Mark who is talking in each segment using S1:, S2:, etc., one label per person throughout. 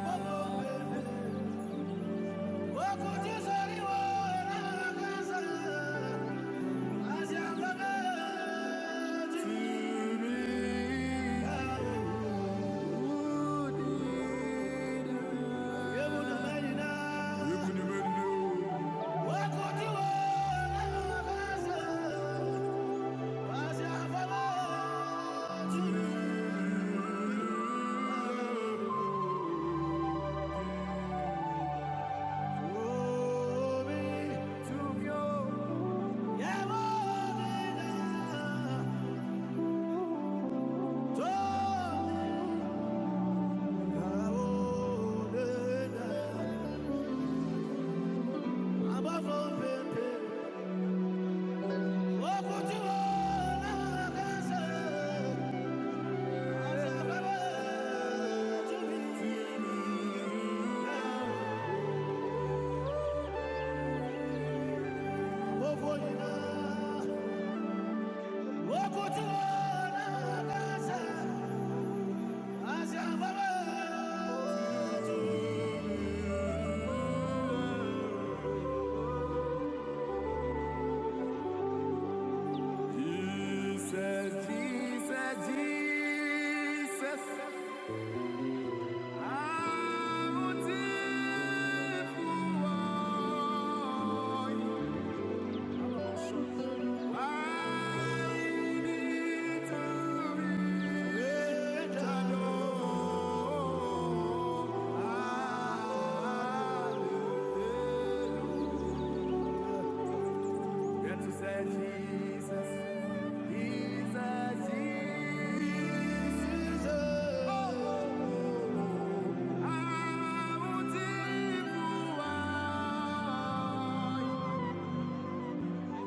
S1: Thank you. Glory to your Yahweh. Thank you. want? Jesus, Jesus, Jesus. I'm a I need to be Yet to say Jesus, He's a Jesus. Oh, how deep I want to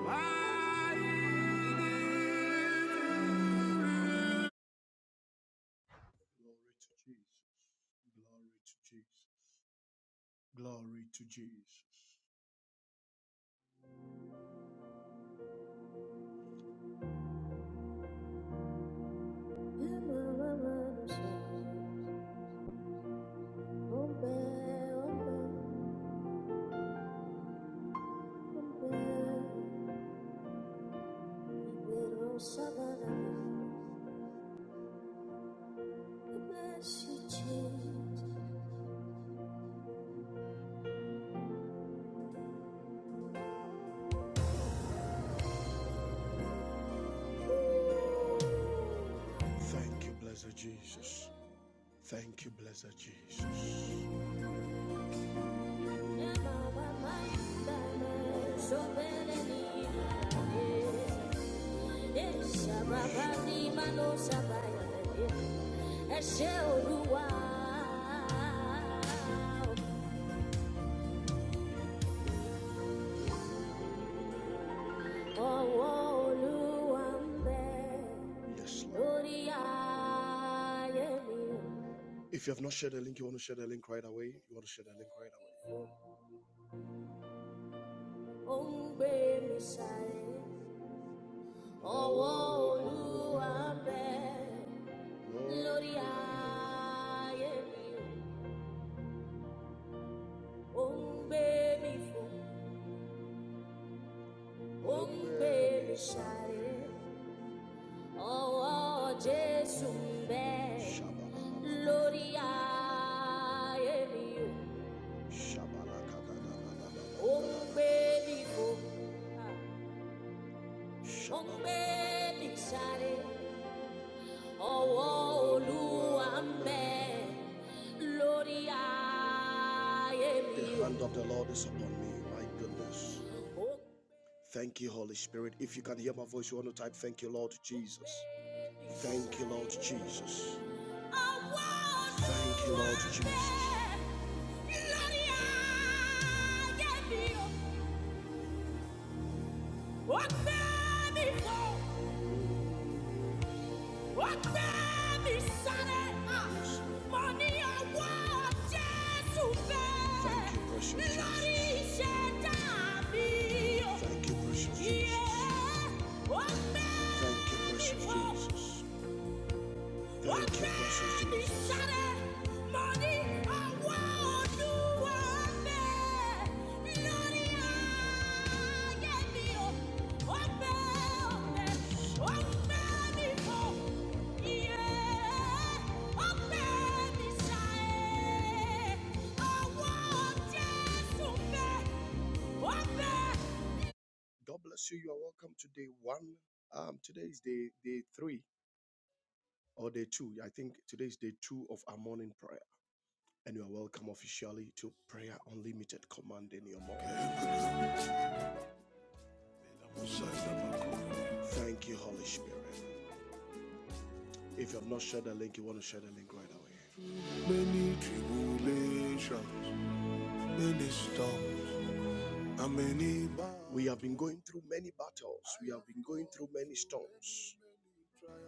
S1: why, Glory to Jesus. Glory to Jesus. Glory to Jesus. Little Shabbat, we bless you, Jesus. Thank you, blessed Jesus. Thank you, blessed Jesus. so Eh, eh, Yes, Lord. If you have not shared the link, you want to share the link right away. You want to share the link right away. Oh, baby, mi sáré ọwọ́ olúwa ń bẹ lórí ayé mi ó ń gbé mi fò ó ń gbé mi sáré ọwọ́ jésù ń bẹ lórí ayé mi ó ń gbé mi The hand of the Lord is upon me, my goodness. Thank you, Holy Spirit. If you can hear my voice, you want to type, Thank you, Lord Jesus. Thank you, Lord Jesus. Thank you, Lord Jesus. bẹ Thank you, precious Jesus. Thank you, precious Jesus. Jesus. God bless you. You are welcome to day one. Um, today is day day three or day two. I think today is day two of our morning prayer. And you are welcome officially to Prayer Unlimited Command in your morning. Thank you, Holy Spirit. If you have not shared the link, you want to share the link right away. Many tribulations, many storms, and many battles. We have been going through many battles, we have been going through many storms.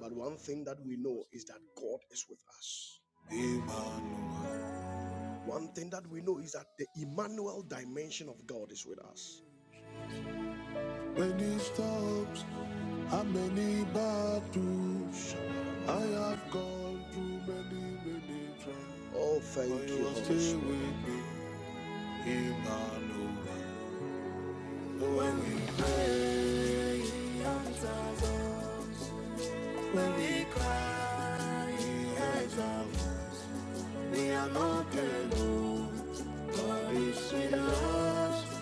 S1: But one thing that we know is that God is with us. Amen. One thing that we know is that the Emmanuel dimension of God is with us. Many stops and many battles I have gone through many, many trials. Oh, thank you you, Holy still Spirit. Stay with me, Emmanuel. When we pray, he answers us. When we cry, he hears our voice. We are not alone. God is with us.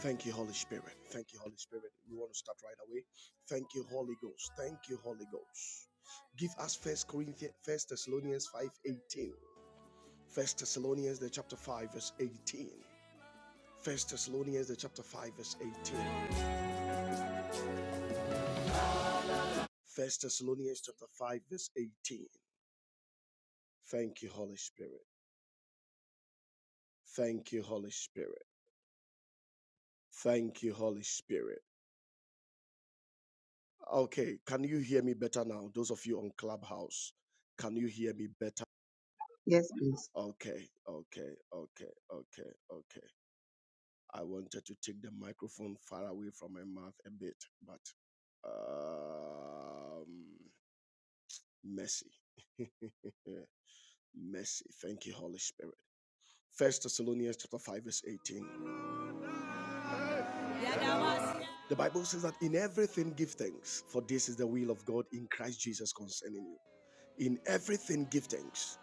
S1: Thank you, Holy Spirit. Thank you, Holy Spirit. We want to start right away. Thank you, Holy Ghost. Thank you, Holy Ghost. Give us First Corinthians, First Thessalonians five eighteen. First Thessalonians the chapter five verse eighteen. First Thessalonians the chapter five verse eighteen. First Thessalonians chapter five verse eighteen. Thank you, Holy Spirit. Thank you, Holy Spirit. Thank you, Holy Spirit. Okay, can you hear me better now? Those of you on Clubhouse, can you hear me better?
S2: Yes, please.
S1: Okay, okay, okay, okay, okay. I wanted to take the microphone far away from my mouth a bit, but um, mercy, Yeah, mercy. Thank you, Holy Spirit. First Thessalonians chapter five verse eighteen. The Bible says that in everything give thanks, for this is the will of God in Christ Jesus concerning you. In everything, give thanks.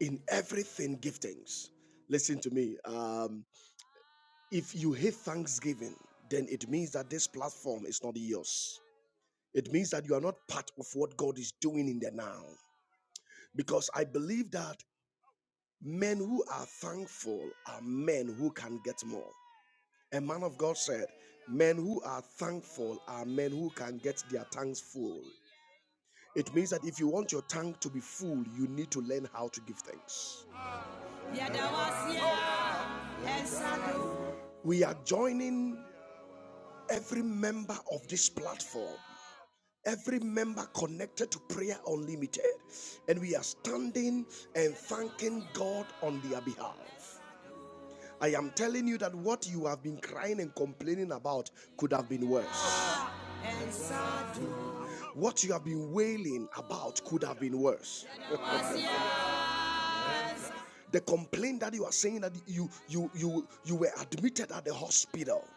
S1: In everything, give thanks. Listen to me. Um, if you hate Thanksgiving, then it means that this platform is not yours. It means that you are not part of what God is doing in the now. Because I believe that men who are thankful are men who can get more. A man of God said, Men who are thankful are men who can get their tanks full. It means that if you want your tank to be full, you need to learn how to give thanks. We are joining every member of this platform, every member connected to Prayer Unlimited, and we are standing and thanking God on their behalf. I am telling you that what you have been crying and complaining about could have been worse. What you have been wailing about could have been worse. The complaint that you are saying that you you you you were admitted at the hospital.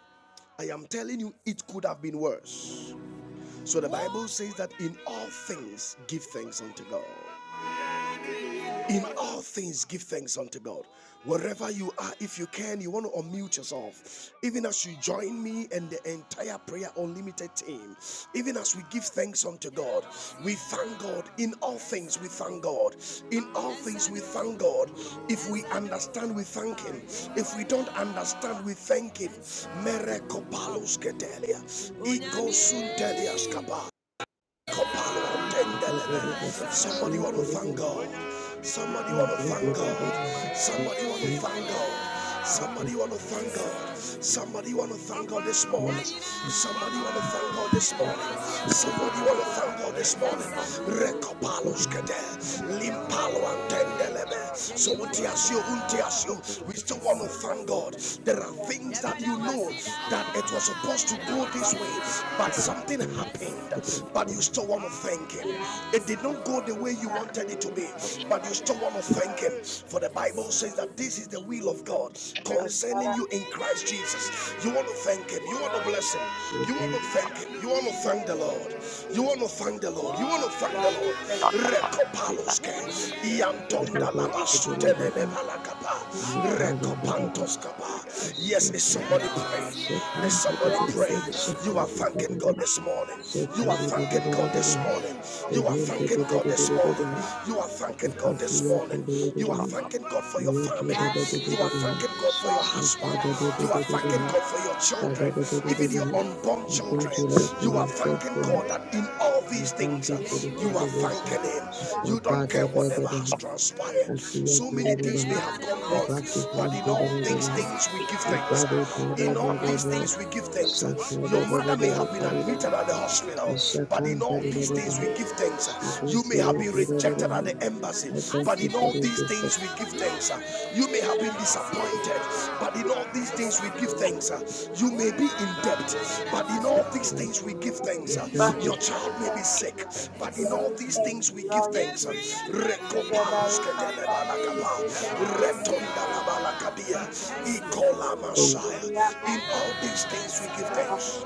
S1: I am telling you it could have been worse. So the Bible says that in all things give thanks unto God. In all things give thanks unto God. Wherever you are, if you can, you want to unmute yourself. Even as you join me and the entire Prayer Unlimited team, even as we give thanks unto God, we thank God. In all things, we thank God. In all things, we thank God. If we understand, we thank Him. If we don't understand, we thank Him. Merekopalos ketelia. Iko suntelia skapa.
S2: Thank
S1: Somebody want to thank God. Somebody want to thank God. Somebody want to thank God. Somebody want to thank God. Somebody want to thank God this morning.
S3: Lord, we
S1: Somebody want to thank God this morning. Somebody want to thank God this morning. Recopalos kete, limpalo antendelebe.
S3: thank
S1: So
S3: you for the
S1: untiasio,
S3: mighty,
S1: untiasio. We still want to thank God. There are things that you know that it was supposed to go this way, but something happened but you still want to thank Him. It did not go the way you wanted it to be, but you still want to thank Him. For the Bible says that this is the will of God concerning you in Christ Jesus. You want to thank Him, you want to bless Him, you want to thank Him, you want to thank the Lord,
S3: amazing
S1: you
S3: things
S1: want
S3: you
S1: to
S3: have
S1: thank the
S3: done.
S1: Lord, you want to thank the
S3: Lord, we really, really thank
S1: Lord.
S3: you. Father, we really
S1: Rekopaloske, Iantonda Lamasutelele Palakapa, Rekopantoskapa. Yes, is somebody praying? Is somebody praying? You are thanking God this morning morning. You are thanking God this morning. You are thanking God
S3: thank
S1: this
S3: you. We
S1: morning.
S3: thank you,
S1: You are
S3: Heavenly
S1: thanking
S3: Father,
S1: God
S3: we
S1: this
S3: thank
S1: morning.
S3: you.
S1: You are thanking God for your family.
S3: Man,
S1: You are thanking God for your husband. You are thanking God for your children, even your unborn children.
S2: you, Lord, for
S1: You are
S2: your
S1: thanking God
S2: faithfulness.
S1: that in all
S2: We
S1: these
S2: thank
S1: things uh,
S2: you for the
S1: you are
S2: preservation.
S1: thanking Him. You don't care whatever has
S2: Swapadebedebede.
S1: transpired.
S2: Kasiya
S1: So many
S3: Heavenly
S1: things
S2: tadadeba.
S1: may
S3: Father,
S1: have
S3: we
S1: gone wrong,
S3: thank you
S2: Ibasi
S3: this
S1: but in
S3: morning,
S1: all
S3: O
S1: these
S2: kantadadeba.
S3: Lord.
S1: things we
S3: We
S1: give
S3: thank you
S1: thanks.
S3: for
S2: Ibade
S3: the
S1: In
S3: morning.
S1: all these
S2: padebedebe.
S1: things we give
S3: We thank you
S1: thanks.
S3: for the
S1: Your mother may
S2: Shakadebedebe
S1: have
S3: blessing.
S1: have been
S3: We
S2: lataleba.
S1: admitted at
S3: thank
S1: the
S3: you for the
S1: hospital,
S3: blessing.
S1: but in all these
S2: Ishakantadadeba.
S1: things
S3: And
S1: we
S3: we
S1: give
S3: will be
S1: thanks. You
S3: shouting,
S1: may
S3: we
S1: have
S2: Ibasi
S1: been
S3: are not going
S1: rejected at
S2: tadadeba.
S1: the embassy,
S2: I
S3: to
S2: thank
S1: but
S2: you
S1: in
S2: for
S1: all
S2: the
S3: be able to do it. We
S1: these
S2: gift
S3: will
S2: of
S1: things
S3: not
S1: we give
S3: be able to do it.
S1: thanks. You
S3: We
S1: may
S3: will
S1: have been
S3: not be
S1: disappointed, but in all these
S3: able to do
S1: things we
S3: it.
S1: give thanks. You may be in debt, but in all these
S2: life.
S1: things we give thanks.
S2: I thank
S3: Father,
S1: Your
S2: you
S3: Lord,
S1: child
S3: we
S1: may be
S3: thank you,
S1: sick,
S3: Lord.
S1: but in
S3: Lord,
S1: all
S3: we
S1: these
S3: thank
S1: things
S3: you.
S1: we give
S3: Lord, we
S1: thanks.
S3: thank you. Together with our family, we say thank you, Heavenly Father. We Thank you.
S2: for
S3: Lord, for the
S1: In all these things we give thanks.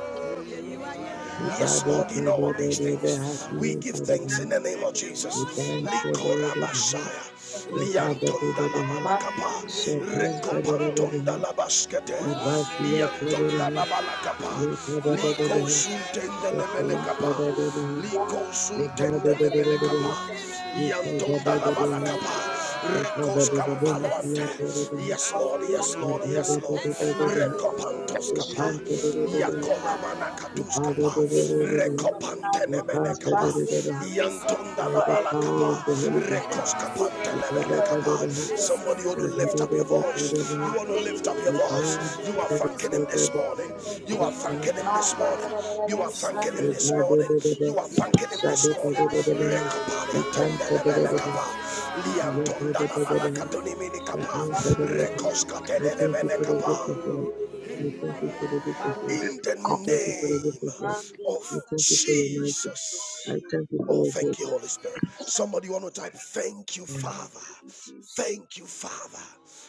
S1: Yes,
S2: Ibade
S1: Lord, in all these
S2: kadebedebe
S1: things, we
S2: hasiya
S1: give thanks in
S2: tadadeba.
S1: the name of Jesus.
S2: Ibade kadebedebe.
S1: Likorabashaya,
S2: Ibade
S1: liantonda
S3: Lord.
S2: kadebedebe.
S3: Lord,
S1: labalakapa,
S3: we thank
S2: Shakantadadeba.
S1: rekopantonda labaskete,
S3: you.
S2: Ibasiya
S1: iantonda
S2: Tadadaha,
S3: We thank
S1: labalakapa,
S3: you,
S2: Yokadabadaha,
S1: likosuntende
S2: Satan
S1: lebelekapa.
S2: Tadadaha,
S1: Liko
S3: we
S1: lebele
S3: thank you.
S1: kapa.
S2: Lebadadadaha,
S3: We
S1: Yantonda
S3: thank
S1: la
S3: you
S1: bala
S3: for
S2: Ikadabadaha,
S3: your
S1: kapa.
S3: mercy, we thank
S1: Rekos
S3: you for your
S2: Sakadabadaha,
S1: kampalwante.
S2: Siya
S3: mercy, we thank
S2: Tadadaha,
S3: you
S1: Yes,
S3: for
S1: Lord.
S3: your
S1: Yes,
S3: love,
S1: Lord.
S3: your
S1: Yes,
S3: Lord.
S1: Lord.
S2: Ibadadadadaha,
S3: Mandi, we thank
S1: Rekopantos
S3: you
S1: kapa.
S2: Sukan
S3: for
S2: Tadadaha,
S3: the
S1: Yakola manakatus kapa.
S3: We thank you
S2: Ibadadadadaha,
S3: for the life
S1: Rekopantene
S3: of
S2: Sukan
S1: mene
S3: our
S1: kapa.
S3: family.
S2: Tadadaha,
S3: We thank
S1: Yantonda
S3: you
S1: la
S2: let
S3: for
S2: the
S1: bala
S2: power
S3: everything,
S2: of
S1: kapa.
S2: the
S3: our
S2: Holy
S3: Lord.
S2: Ghost,
S1: Rekos
S3: We thank
S1: kapantene
S3: you
S1: mene
S3: for your
S1: kapa.
S2: Ibadadadaha,
S3: mercy upon
S1: Somebody
S3: us,
S1: ought to lift up your
S3: Lord.
S1: voice.
S3: My
S1: You
S2: Sadadadadaha,
S1: want to
S3: daily
S1: lift up your
S3: delegation,
S1: voice.
S2: Iban
S1: You
S3: daily
S1: are
S3: my God,
S1: thanking him this
S2: Tadadaha,
S1: morning. You are thanking him
S3: my
S1: this
S3: God, my
S1: morning. You are
S3: God,
S1: thanking
S2: I
S1: him
S3: Shandiri,
S1: this
S2: thank you
S1: morning.
S3: my
S2: for the
S1: You are
S3: daily, my
S1: thanking him this
S2: gift of
S1: morning.
S3: daily,
S2: life.
S1: Rekapale
S2: I thank you for the gift of life. I thank you for the gift of
S3: Father,
S2: life.
S1: in
S3: Lord,
S1: the
S3: we
S2: I
S3: Thank you,
S1: name
S3: Mom,
S1: of
S2: thank you for your mercies.
S1: Jesus.
S2: I thank you for
S1: Oh,
S2: your grace.
S1: thank you, Holy Spirit. Somebody want to type, thank you, Father.
S3: thank you, Jesus.
S1: Thank you, Father.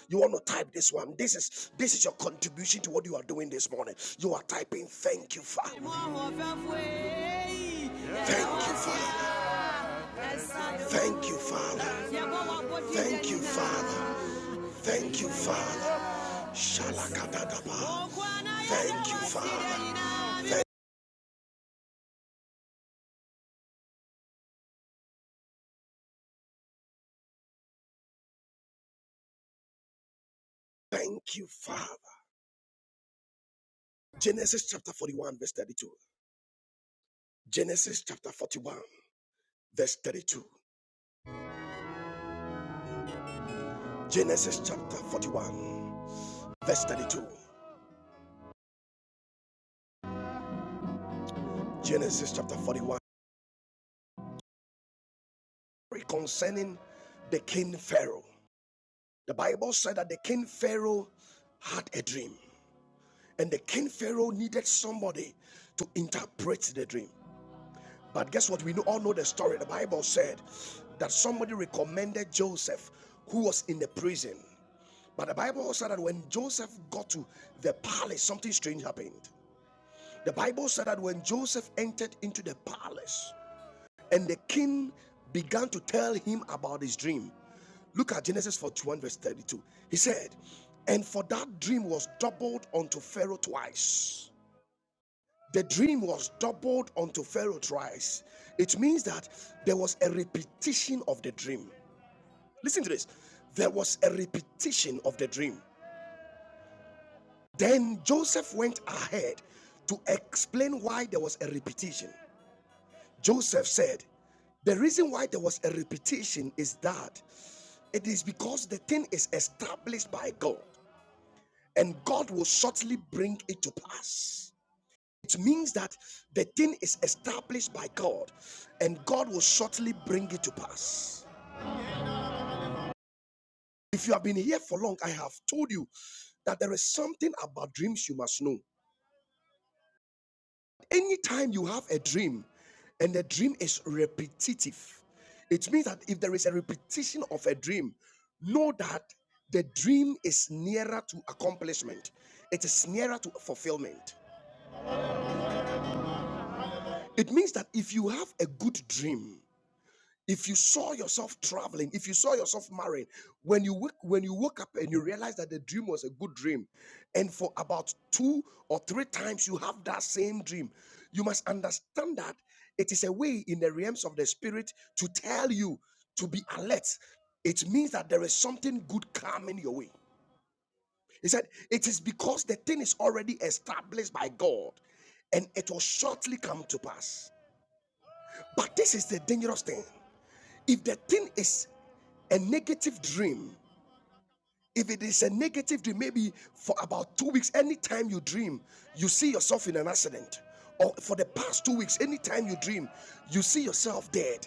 S1: You want to type this one. This is this is your contribution to what you are doing this morning. You are typing, thank you, Father. Thank you, Father. Thank you, Father. Thank you, Father. Thank you, Father. Shalakadadaba. Thank you, Father. Thank thank you, Father. Genesis chapter 41, verse 32. Genesis chapter 41, verse 32. Genesis chapter 41, verse 32. Genesis chapter 41, concerning the king Pharaoh. The Bible said that the king Pharaoh had a dream, and the king Pharaoh needed somebody to interpret the dream. But guess what? We know, all know the story. The Bible said that somebody recommended Joseph, who was in the prison. But the Bible said that when Joseph got to the palace, something strange happened. The Bible said that when Joseph entered into the palace and the king began to tell him about his dream, look at Genesis 41, verse 32. He said, And for that dream was doubled unto Pharaoh twice the dream was doubled unto Pharaoh thrice. It means that there was a repetition of the dream. Listen to this. There was a repetition of the dream. Then Joseph went ahead to explain why there was a repetition. Joseph said, The reason why there was a repetition is that it is because the thing is established by God and God will shortly bring it to pass. It means that the thing is established by God and God will shortly bring it to pass. If you have been here for long, I have told you that there is something about dreams you must know. Anytime you have a dream and the dream is repetitive, it means that if there is a repetition of a dream, know that the dream is nearer to accomplishment, it is nearer to fulfillment. It means that if you have a good dream, if you saw yourself traveling if you saw yourself marrying when you wake, when you woke up and you realized that the dream was a good dream and for about two or three times you have that same dream you must understand that it is a way in the realms of the spirit to tell you to be alert it means that there is something good coming your way he said it is because the thing is already established by god and it will shortly come to pass but this is the dangerous thing if the thing is a negative dream if it is a negative dream maybe for about two weeks anytime you dream you see yourself in an accident or for the past two weeks anytime you dream you see yourself dead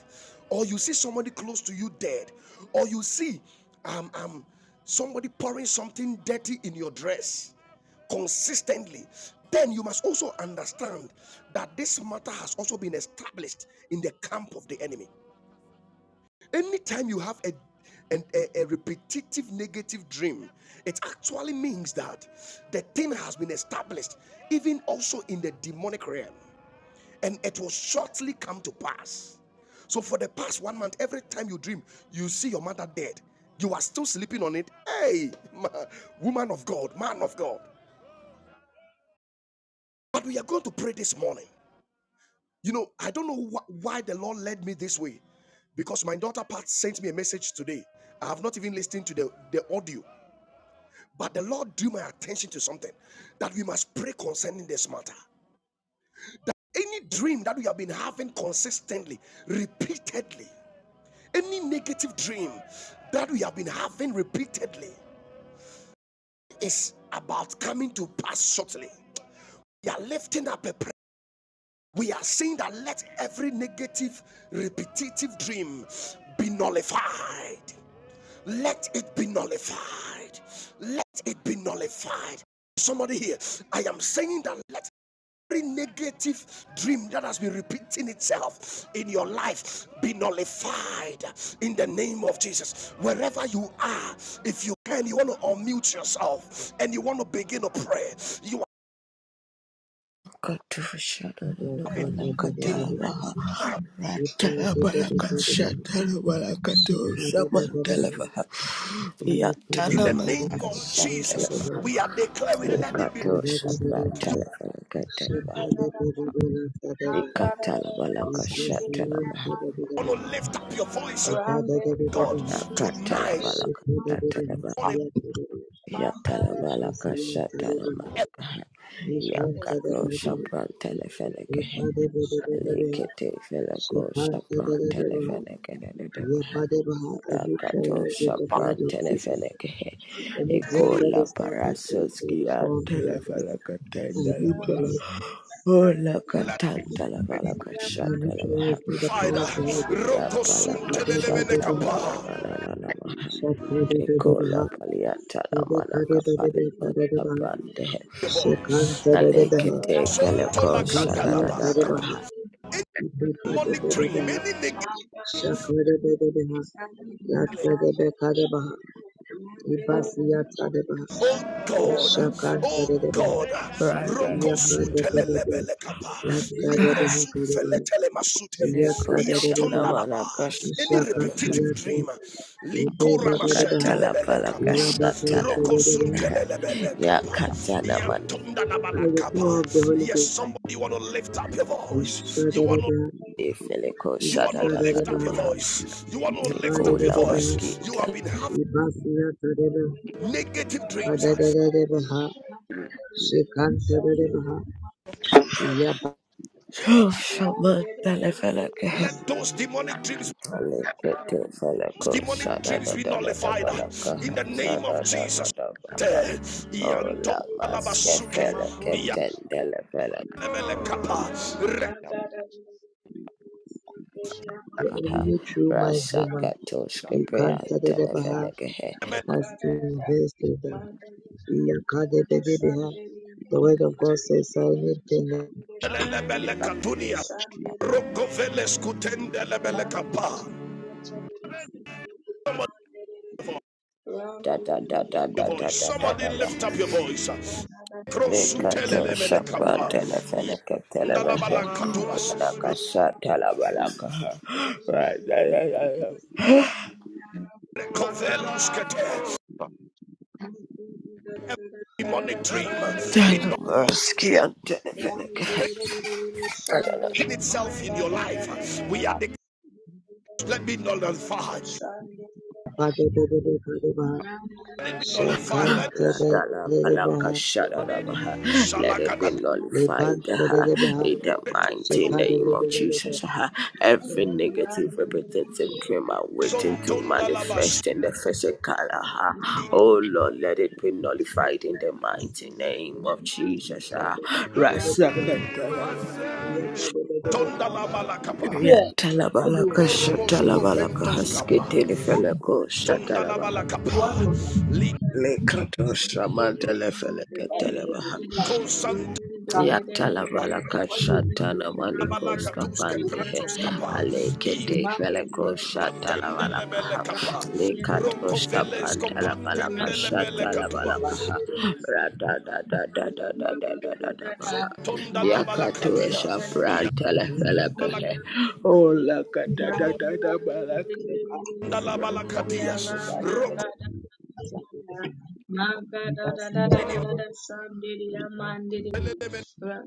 S1: or you see somebody close to you dead or you see um, um, somebody pouring something dirty in your dress consistently then you must also understand that this matter has also been established in the camp of the enemy Anytime you have a and a, a repetitive negative dream, it actually means that the thing has been established, even also in the demonic realm, and it will shortly come to pass. So, for the past one month, every time you dream, you see your mother dead, you are still sleeping on it. Hey, woman of God, man of God. But we are going to pray this morning You know, I don't know wh- why the Lord led me this way because my daughter Pat sent me a message today. I have not even listened to the, the audio, but the Lord drew my attention to something that we must pray concerning this matter. Any dream that we have been having consistently, repeatedly, any negative dream that we have been having repeatedly is about coming to pass shortly. You are lifting up a we are saying that let every negative, repetitive dream be nullified. Let it be nullified. Let it be nullified. Somebody here, I am saying that let every negative dream that has been repeating itself in your life be nullified in the name of Jesus. Wherever you are, if you can, you want to unmute yourself and you want to begin to pray. You are having
S4: Katushalalalabalakatalavaha. Ratalabalakashatalavaha.
S1: In the name of Jesus,
S4: Yatanamalakashatalavaha.
S1: we are declaring,
S2: Thank
S1: let it be done.
S2: you. Neutralize with
S4: Lekatushatalavaha.
S2: the blood of
S3: Ram
S2: Jesus.
S4: Lekatalabalakashatalavaha.
S1: Oh, Lift up your voice, God, tonight.
S4: Yakatalabalakashatalavaha.
S1: Morning,
S3: Thank
S4: Yatalabalakashatalavaha. Yakatoshapantalavaha. Likete feleko shapran telefeleke dedebaha. Akato shapran telefeleke.
S2: Any dream that
S4: Ikola
S2: is not in the
S4: parasoski
S2: power
S4: an
S2: of the Holy Ghost,
S4: telefeleke
S2: I
S4: tendelebaha.
S2: neutralize,
S4: Ola
S1: let
S4: katan telefeleke
S2: I
S4: shatelebaha.
S2: neutralize by
S1: the
S2: the
S1: fire.
S2: power of the Holy
S4: Ya palaka shatana
S2: Ghost.
S4: na na
S1: Rokosuntelelemenekapa.
S4: na na na
S3: you.
S4: maha.
S2: Shakar Shaka
S3: Thank
S4: Ikola
S2: Siata,
S4: paliata na
S2: Ube
S4: manaka paleko shapran dehe.
S3: you.
S1: Your voice.
S4: Alikete feleko
S1: Sontolakadalabalakapa.
S4: shatadadadabaha.
S1: Any demonic dream, any negative Oh God, oh God,
S4: Right,
S1: Rokosu telelebele kapa,
S4: right.
S1: Likrosu feletele masute,
S4: Nikushana
S1: Iantondalaba,
S4: manakash
S1: any repetitive dream, Likora
S2: Daba
S1: mashe
S2: Daba,
S4: makatala
S1: telebele kapa,
S4: palakashatana
S1: Rokosu
S2: Ilaba
S4: manaha
S1: telelebele kapa,
S4: yakatana mani
S2: By
S1: Iantondalabala
S2: the power
S1: kapa.
S2: of the Holy
S1: Yes,
S2: Ghost,
S1: somebody want to lift up your voice. You want to
S2: Ishadadada,
S4: shada
S1: you want
S4: shada shada
S1: to
S4: da da
S1: lift
S4: da
S1: up
S2: Ishadadada,
S1: your
S4: baha
S1: voice. You want to lift up your
S4: gola
S2: Ibadadadada,
S1: voice. You have
S4: maskinta
S1: been having
S2: Ibasiyatadada,
S1: negative dreams.
S2: Kadadadadabaha, Shekantadadabaha, Yapa.
S4: shaman tele feleke
S1: Let those demonic dreams
S4: alekete feleko
S1: demonic
S4: shada
S1: dreams
S4: da
S1: be
S4: da da da
S1: nullified in
S4: balakaha
S1: the name
S4: shada
S1: of
S4: da da
S1: Jesus.
S4: da baha
S3: Sunday, Mandiri
S4: baha
S5: Jesus.
S4: maske
S5: The Bruce Lee
S4: shaman
S5: praise be glorified in the name of Jesus. The Okobos and the
S2: The enemy through my
S4: Rasha
S2: dreamer,
S4: katoshke
S5: Daily
S4: prayer and
S2: Ikantadadabaha,
S5: of this
S4: telephone
S2: has
S5: world
S2: invested
S5: the
S2: them.
S5: Hebrews and the Israelites come to the
S2: Iyakadebedeba.
S5: in
S2: The
S5: the
S2: word
S5: mighty
S2: of God
S5: name
S2: says, I
S5: of
S2: need to
S5: Jesus
S2: know.
S5: and the Repeated Dream One of the Repeated Repeated Dream One
S4: da da
S5: the Dead
S4: da
S5: of the Fallen
S4: da da
S5: of
S4: da da
S5: the
S4: da
S1: Somebody
S4: da
S1: lift
S4: baha.
S1: up your voice. Somebody lift up your voice.
S5: Today in
S4: Lekato
S5: the
S1: Krosutelele
S5: mighty
S4: shapran
S5: name
S1: kapa.
S5: of
S4: tele fene
S5: Jesus.
S4: ke tele
S5: Let it
S4: baha
S1: Yandalabala
S5: be
S1: katuas.
S5: described
S4: yana kasha tala
S5: in the
S4: balaka ha
S5: name of
S4: da
S5: Jesus.
S4: da
S5: The
S4: da
S5: Okobos
S4: shatala
S5: and the name of
S1: Rekovelus
S3: Ram
S1: kete. Every demonic dream
S4: balakaha.
S3: Shandiriya
S1: be not
S4: Talabarski and telefeleke.
S1: in itself in your life. We are declaring. Let me nullify.
S2: Badadadadadabaha,
S1: Nullify. Let
S3: Shandiriya
S2: Shakantadadabaha,
S4: Ra-da-la-ba-la-ka-sha-da-da-ba-ha. Let it be
S1: shalakata.
S4: nullified ha.
S2: Lebantadadabaha,
S4: in the mighty
S2: Seka de
S4: name
S2: de de
S4: of
S2: de de de.
S4: Jesus. ha. Every negative repetitive dream I'm waiting to
S1: Sontonda labas.
S4: manifest in the physical. ha. Oh Lord, let it be nullified in the mighty name of Jesus.
S2: Seka
S4: ha.
S2: de
S4: ra
S2: de de de de
S4: sa ka
S2: de.
S4: ta la ba
S2: Yapa de de de
S1: Tonda
S2: de.
S1: labalakapa.
S2: It's
S4: ya
S2: here.
S4: ta la ba
S2: What do
S4: la
S2: you
S4: ka
S2: want?
S1: Korobos kopentos
S3: Around
S1: kapa.
S2: Huh?
S3: Mamba da da da da
S1: Tonda
S3: da
S2: You want
S1: labalakapa.
S2: water?
S1: Liko
S4: Lekato Samantha
S2: Seka de de de de. Come.
S1: santa
S2: come.
S4: Yatala balaka
S2: What do you want?
S4: shatala malikos
S1: labalakatuske
S2: You want
S4: kapandehe
S1: prantos
S2: water?
S1: kapa. Eve
S4: alekete veleko shatala
S1: pantende
S4: balaka
S1: lebele
S4: ha
S1: kapa.
S4: lekato
S1: Roko veles
S4: shapantala balaka
S1: kopantende lebele
S4: shatala
S1: katua.
S2: Seka
S4: balaka
S2: de
S4: ha
S2: de de de
S4: rada da da da da da
S2: de
S4: da
S2: de
S4: da
S2: de.
S4: da da
S1: Zontonda
S4: Yatalabalakashatalamalikoskapandehe.
S1: labalakapia.
S3: da da
S4: Aleketefelekoshatalabalakaha. Likatoshapantalabalakshatalabalakaha. da
S3: da
S4: da
S1: Yabalakelo.
S3: da
S4: Olakatadadadabalakaha.
S2: Seka, seka
S1: Tonda
S2: de de de de.
S1: labalakadias.
S2: Seka de de
S1: Roko
S2: de de. Asa de de de.
S3: Manga da
S2: Yipa
S3: da
S2: siya
S3: da da da da
S2: de
S3: da
S2: de
S3: da,
S2: de.
S3: Sunday,
S2: Ka
S3: Monday,
S5: Jesus.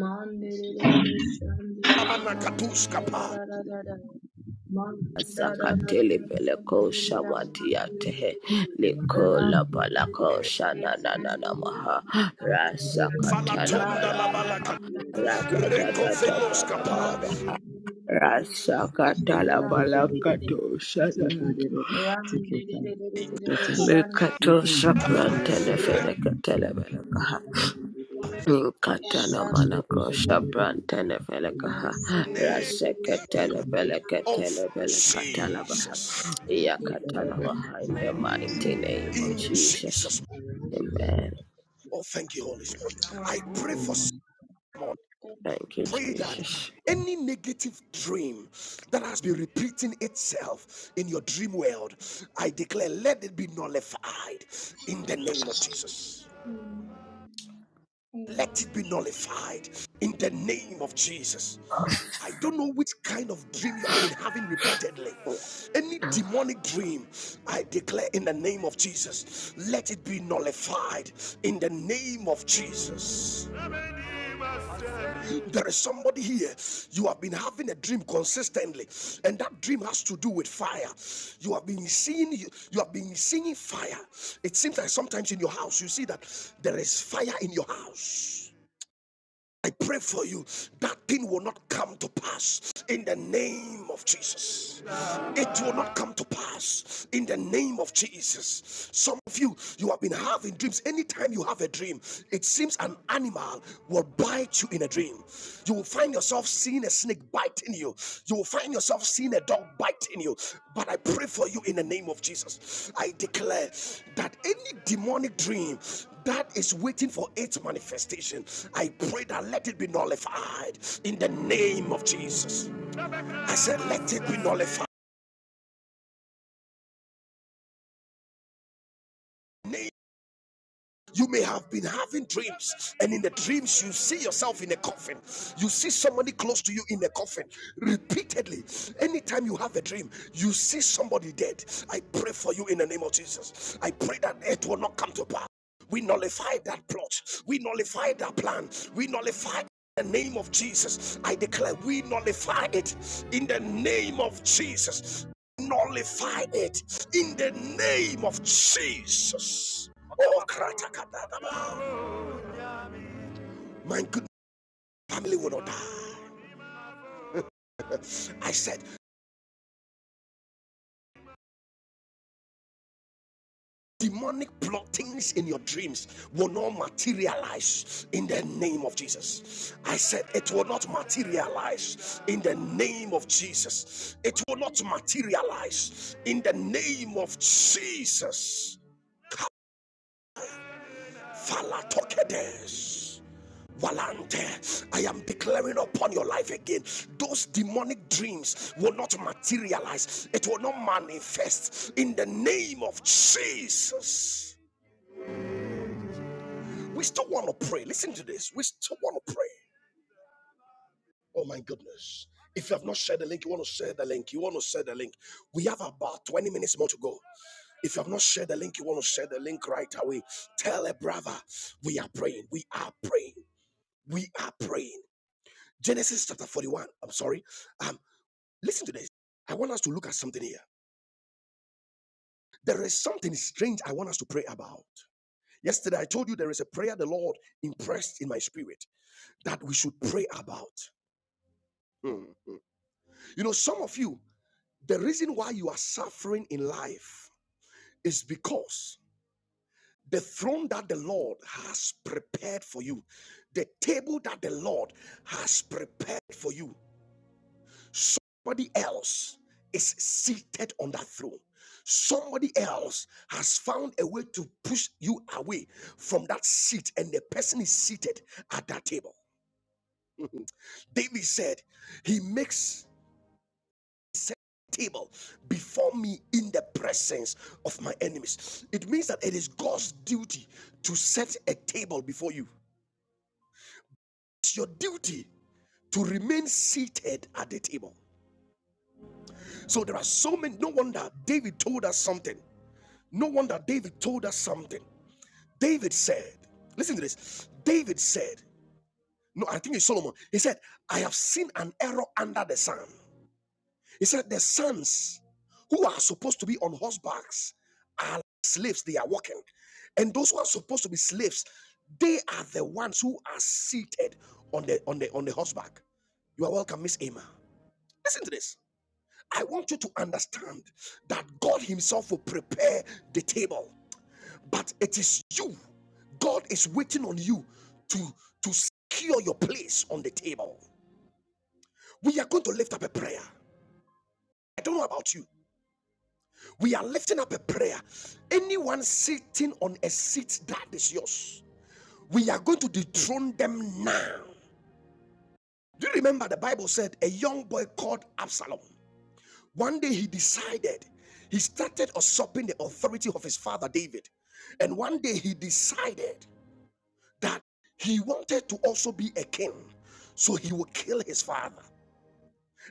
S3: Mandelelele shandelia
S1: Manakatuskapa,
S3: mangalarararara.
S4: Sakatele
S3: Mangalarararara
S4: peleko
S2: yipa
S3: shandelia
S2: siya.
S4: shamantia tehe
S3: mandelelele.
S2: Yipa de de de
S4: likola
S2: de.
S4: palako
S3: Randelelele
S2: Yipa de de de
S4: shana
S2: de.
S4: na na na
S3: shandelia
S4: maha
S2: Yipa de de de de.
S4: rasa
S3: mangalarararara.
S4: katala
S1: Falatonda la
S4: balaka
S1: Balaka,
S3: Mangalarararara.
S2: Yipa de de
S4: rada da
S2: de de.
S4: da da da da da da
S1: Recoveloskapa,
S3: Mangalarararara
S4: maha rasa
S2: Say
S4: katala
S3: shandelia
S2: God, they did it
S4: balaka
S3: mandelelele.
S2: again.
S4: to
S2: Say God,
S4: shana
S2: they did it. Take your time. Say
S3: Randelelele
S2: daughter,
S3: shandelia
S4: likato
S2: nothing will happen
S1: Ikapa,
S2: to you.
S4: shaprantene
S3: mangalarararara.
S4: feneke tele
S3: Amen.
S2: Say God, they did it again.
S4: Inkata na
S2: Ishaka, they did it
S4: manakrosha
S2: again.
S4: brante neveleka ha
S2: Yes.
S4: raseke televeleke
S1: of
S4: televeleka talaba ha
S1: Jesus.
S4: iya
S2: They did it
S4: katana
S2: again.
S4: wahinde
S2: So
S4: mighty name
S2: God,
S4: of
S2: they did
S1: In
S2: it.
S4: Jesus
S1: Jesus.
S2: Arise and
S4: amen
S1: Oh, thank you, Holy Spirit. I pray
S2: pray
S1: for
S2: now.
S1: someone.
S3: Thank you,
S4: thank you
S1: Pray
S3: Jesus.
S1: that
S4: Jesus.
S1: any negative dream that has been repeating itself in your dream world, I declare, let it be nullified in the name of Jesus.
S3: Amen.
S1: let it
S3: Amen.
S1: be nullified in the name of Jesus. I don't know which kind of dream you have been having repeatedly. Any demonic dream, I declare in the name of Jesus, let it be nullified in the name of Jesus. There is somebody here, you have been having a dream consistently, and that dream has to do with fire. You have been seeing you, you have been seeing fire. It seems like sometimes in your house you see that there is fire in your house I pray for you that thing will not come to pass in the name of Jesus. It will not come to pass in the name of Jesus. Some of you, you have been having dreams. Anytime you have a dream, it seems an animal will bite you in a dream. You will find yourself seeing a snake biting you. You will find yourself seeing a dog biting you. But I pray for you in the name of Jesus. I declare that any demonic dream that is waiting for its manifestation, I pray that let it be nullified in the name of Jesus. I said, let it be nullified. You may have been having dreams, and in the dreams, you see yourself in a coffin. You see somebody close to you in a coffin repeatedly. Anytime you have a dream, you see somebody dead. I pray for you in the name of Jesus. I pray that it will not come to pass. We nullify that plot. We nullify that plan. We nullify In the name of Jesus. I declare we nullify it in the name of Jesus. Nullify it in the name of Jesus. Oh, kratakadadaba. my good family will not die. I said, demonic plottings in your dreams will not materialize in the name of Jesus. I said, it will not materialize in the name of Jesus. It will not materialize in the name of Jesus. Falatokedes. Walante, I am declaring upon your life again. Those demonic dreams will not materialize, it will not manifest in the name of Jesus. We still want to pray. Listen to this. We still want to pray. Oh my goodness. If you have not shared the link, you want to share the link. You want to share the link. We have about 20 minutes more to go. If you have not shared the link, you want to share the link right away. Tell a brother, we are praying. We are praying. We are praying. Genesis chapter 41. I'm sorry. Um, listen to this. I want us to look at something here. There is something strange I want us to pray about. Yesterday, I told you there is a prayer the Lord impressed in my spirit that we should pray about. Mhm. You know, some of you, the reason why you are suffering in life is because the throne that the Lord has prepared for you, the table that the Lord has prepared for you, Somebody else is seated on that throne. Somebody else has found a way to push you away from that seat, and the person is seated at that table. David said, He makes a table before me in the presence of my enemies. It means that it is God's duty to set a table before you. It's your duty to remain seated at the table. So there are so many. No wonder David told us something. No wonder David told us something. David said, listen to this. David said, no, I think it's Solomon. He said, I have seen an error under the sun. He said, the sons who are supposed to be on horsebacks are like slaves, they are walking. And those who are supposed to be slaves, they are the ones who are seated on the on the on the horseback. You are welcome, Miss Emma. Listen to this. I want you to understand that God Himself will prepare the table. but it is you. God is waiting on you to, to secure your place on the table. We are going to lift up a prayer. I don't know about you. We are lifting up a prayer. Anyone sitting on a seat that is yours, we are going to dethrone them now. Do you remember the Bible said a young boy called Absalom? One day he decided he started usurping the authority of his father David. And one day he decided that he wanted to also be a king, so he would kill his father.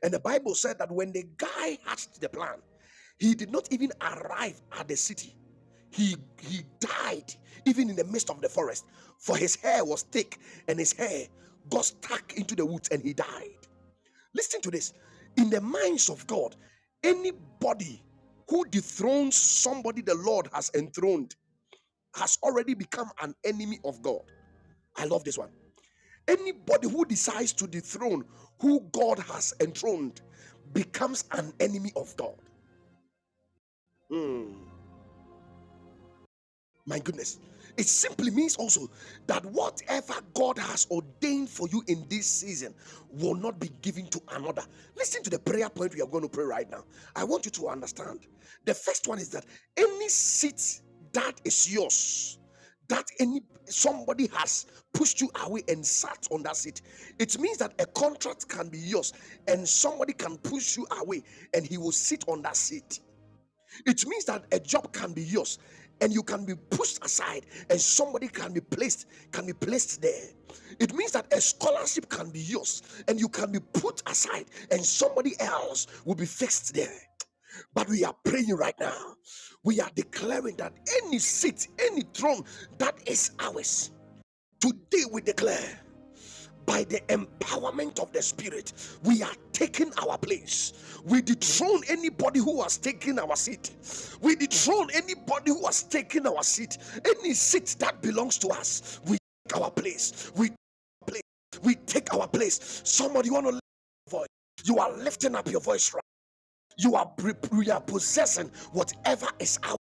S1: And the Bible said that when the guy hatched the plan, he did not even arrive at the city. He he died even in the midst of the forest, for his hair was thick and his hair got stuck into the woods and he died. Listen to this. In the minds of God, anybody who dethrones somebody the Lord has enthroned has already become an enemy of God. I love this one. Anybody who decides to dethrone who God has enthroned becomes an enemy of God. Mm. My goodness. It simply means also that whatever God has ordained for you in this season will not be given to another. Listen to the prayer point we are going to pray right now. I want you to understand. The first one is that any seat that is yours, that any somebody has pushed you away and sat on that seat, it means that a contract can be yours and somebody can push you away and he will sit on that seat. It means that a job can be yours and you can be pushed aside and somebody can be placed can be placed there. It means that a scholarship can be yours and you can be put aside and somebody else will be fixed there. But we are praying right now. We are declaring that any seat, any throne that is ours, today we declare by the empowerment of the Spirit, we are taking our place. We dethrone anybody who has taken our seat. We dethrone anybody who has taken our seat. Any seat that belongs to us, we take our place. We take our place. We take our place. Somebody you want to lift your voice. You are lifting up your voice right? You are, pre- you are possessing whatever is out.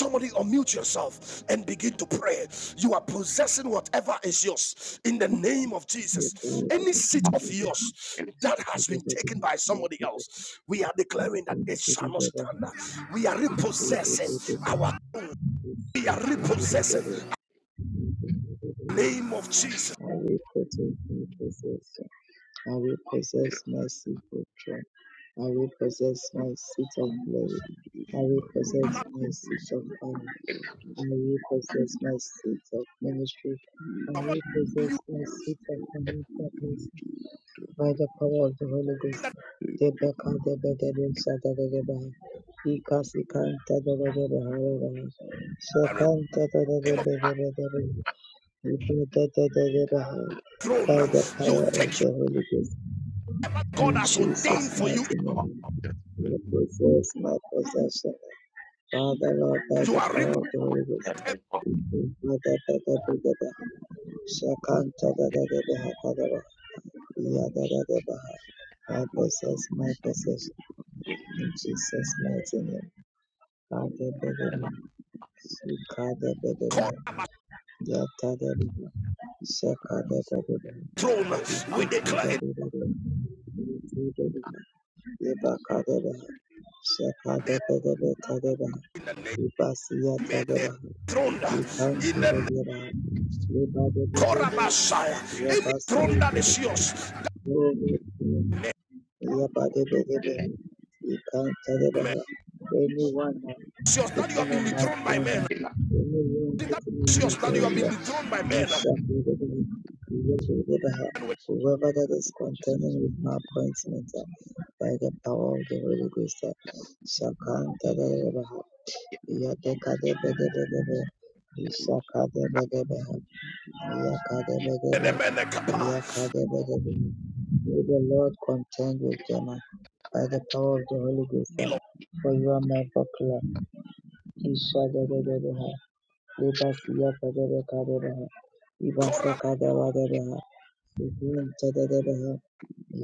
S1: Somebody unmute yourself and begin to pray. You are possessing whatever is yours in the name of
S2: Your
S1: Jesus.
S2: bride is
S1: Any
S2: in
S1: seat
S2: the middle
S1: of
S2: of the
S1: yours
S2: house.
S1: that
S2: They
S1: has been
S2: did it
S1: taken
S2: again.
S1: by
S2: Lord,
S1: somebody
S2: they did
S1: else, we are declaring that
S2: it.
S1: it
S2: They did it again. They did it again. They did it
S1: shall not stand. We are repossessing our, we are repossessing
S2: again. They did it
S1: the
S2: again.
S1: name of Jesus,
S2: I will protect my possession. I will possess my secret throne. I will possess my seat of glory. I will possess my seat of honor. I will possess my seat of ministry. I will possess my seat of unforgiveness by the power of the Holy Ghost. Debeka debe debe sada debe baha. Ika sikanta debe debe hara baha.
S1: the
S2: Shekanta debe
S1: name of
S2: debe debe debe. We
S1: the
S2: by
S1: throne.
S2: the
S1: You
S2: power
S1: take
S2: of the Holy Ghost.
S1: what God
S2: In
S1: has ordained
S2: Jesus'
S1: for you.
S2: mighty name, we possess my possession. Father, Lord, by
S1: You
S2: the
S1: are
S2: power
S1: repossessing
S2: of the Holy Ghost. We pray for that they deliver her. Shakanta da da da da ha da da da. Ya da da da da ha. I
S5: Thank
S2: possess my possession. In Jesus' mighty name. Father, deliver me. Shikada deliver
S1: God
S2: me. Yata deliver me. Shakada deliver me.
S1: throne.
S2: Thank
S1: We declare it. in the name of the throne, in the name of Korabashaya. any throne that is yours that
S2: you.
S1: may-
S2: Yabba-dabba-dabba. You can't tell it
S1: may-
S2: about her. anyone uh,
S1: that you have
S2: sitting on
S1: been
S2: my
S1: withdrawn by
S2: train.
S1: men
S2: uh, Anyone
S1: Anything that
S2: sitting
S1: is yours
S2: in the
S1: that you have been
S2: area.
S1: withdrawn by
S2: You
S1: men
S2: shall be the Yabba-dabba-dabba.
S1: and with
S2: Whoever that is contending with my appointment uh, by the power of the Holy Ghost uh, shall come to the Yabba-dabba-dabba. You shall come Yakadebedebe,
S1: the men kapa
S2: yakadebedebe. May the Lord contend with them uh, by the power of the Holy Ghost. uh,
S1: Ilo-
S2: For you are my buckler. Ishadebedebe, libasiyakadebekadebe,
S1: Korab-
S2: ibasakadebadebe, ibuntedebe,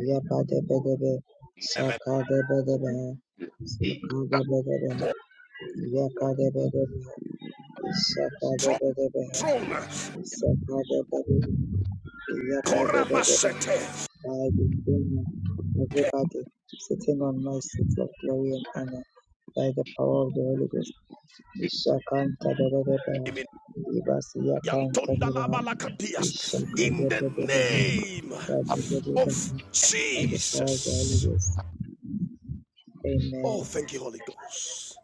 S2: yakadebedebe, sakadebedebe, sakadebedebe,
S1: Oh,
S2: yakadebedebe,
S1: throne
S2: ishakadebedebe,
S1: throne
S2: isakadebedebe. Yakadadadabaha.
S1: Korabashete.
S2: By the union of everybody sitting on my seat of glory and honor, by the power of the Holy Ghost, Ishakantadadadabaha. Ibasiyakantadabaha.
S5: you.
S1: in the
S2: Ishakadadadabaha.
S1: name
S2: Sadadadabaha.
S1: of
S2: By the power of the Holy
S1: Jesus
S2: Ghost. Amen.
S1: Oh, thank you, Holy Ghost.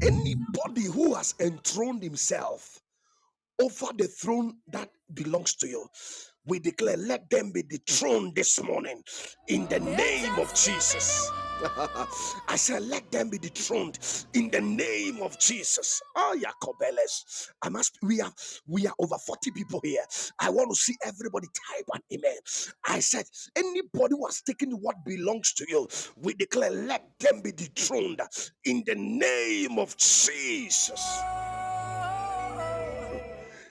S1: Anybody who has enthroned himself over the throne that belongs to you, we declare, let them be dethroned this morning in the name of Jesus. I said, let them be dethroned in the name of Jesus. Oh, Yakobeles. I must we are we are over 40 people here. I want to see everybody type an amen. I said, anybody who has taken what belongs to you, we declare, let them be dethroned in the name of Jesus.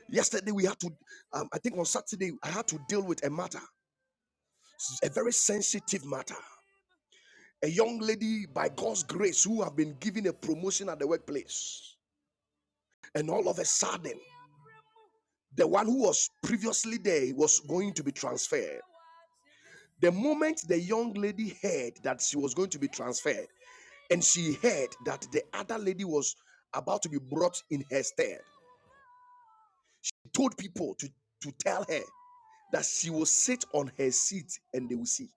S1: Yesterday we had to um, I think on Saturday I had to deal with a matter, a very sensitive matter. A young lady by God's grace who have been given a promotion at the workplace And all of a sudden, the one who was previously there was going to be transferred. The moment the young lady heard that she was going to be transferred, and she heard that the other lady was about to be brought in her stead, she told people to, to tell her that she will sit on her seat and they will see.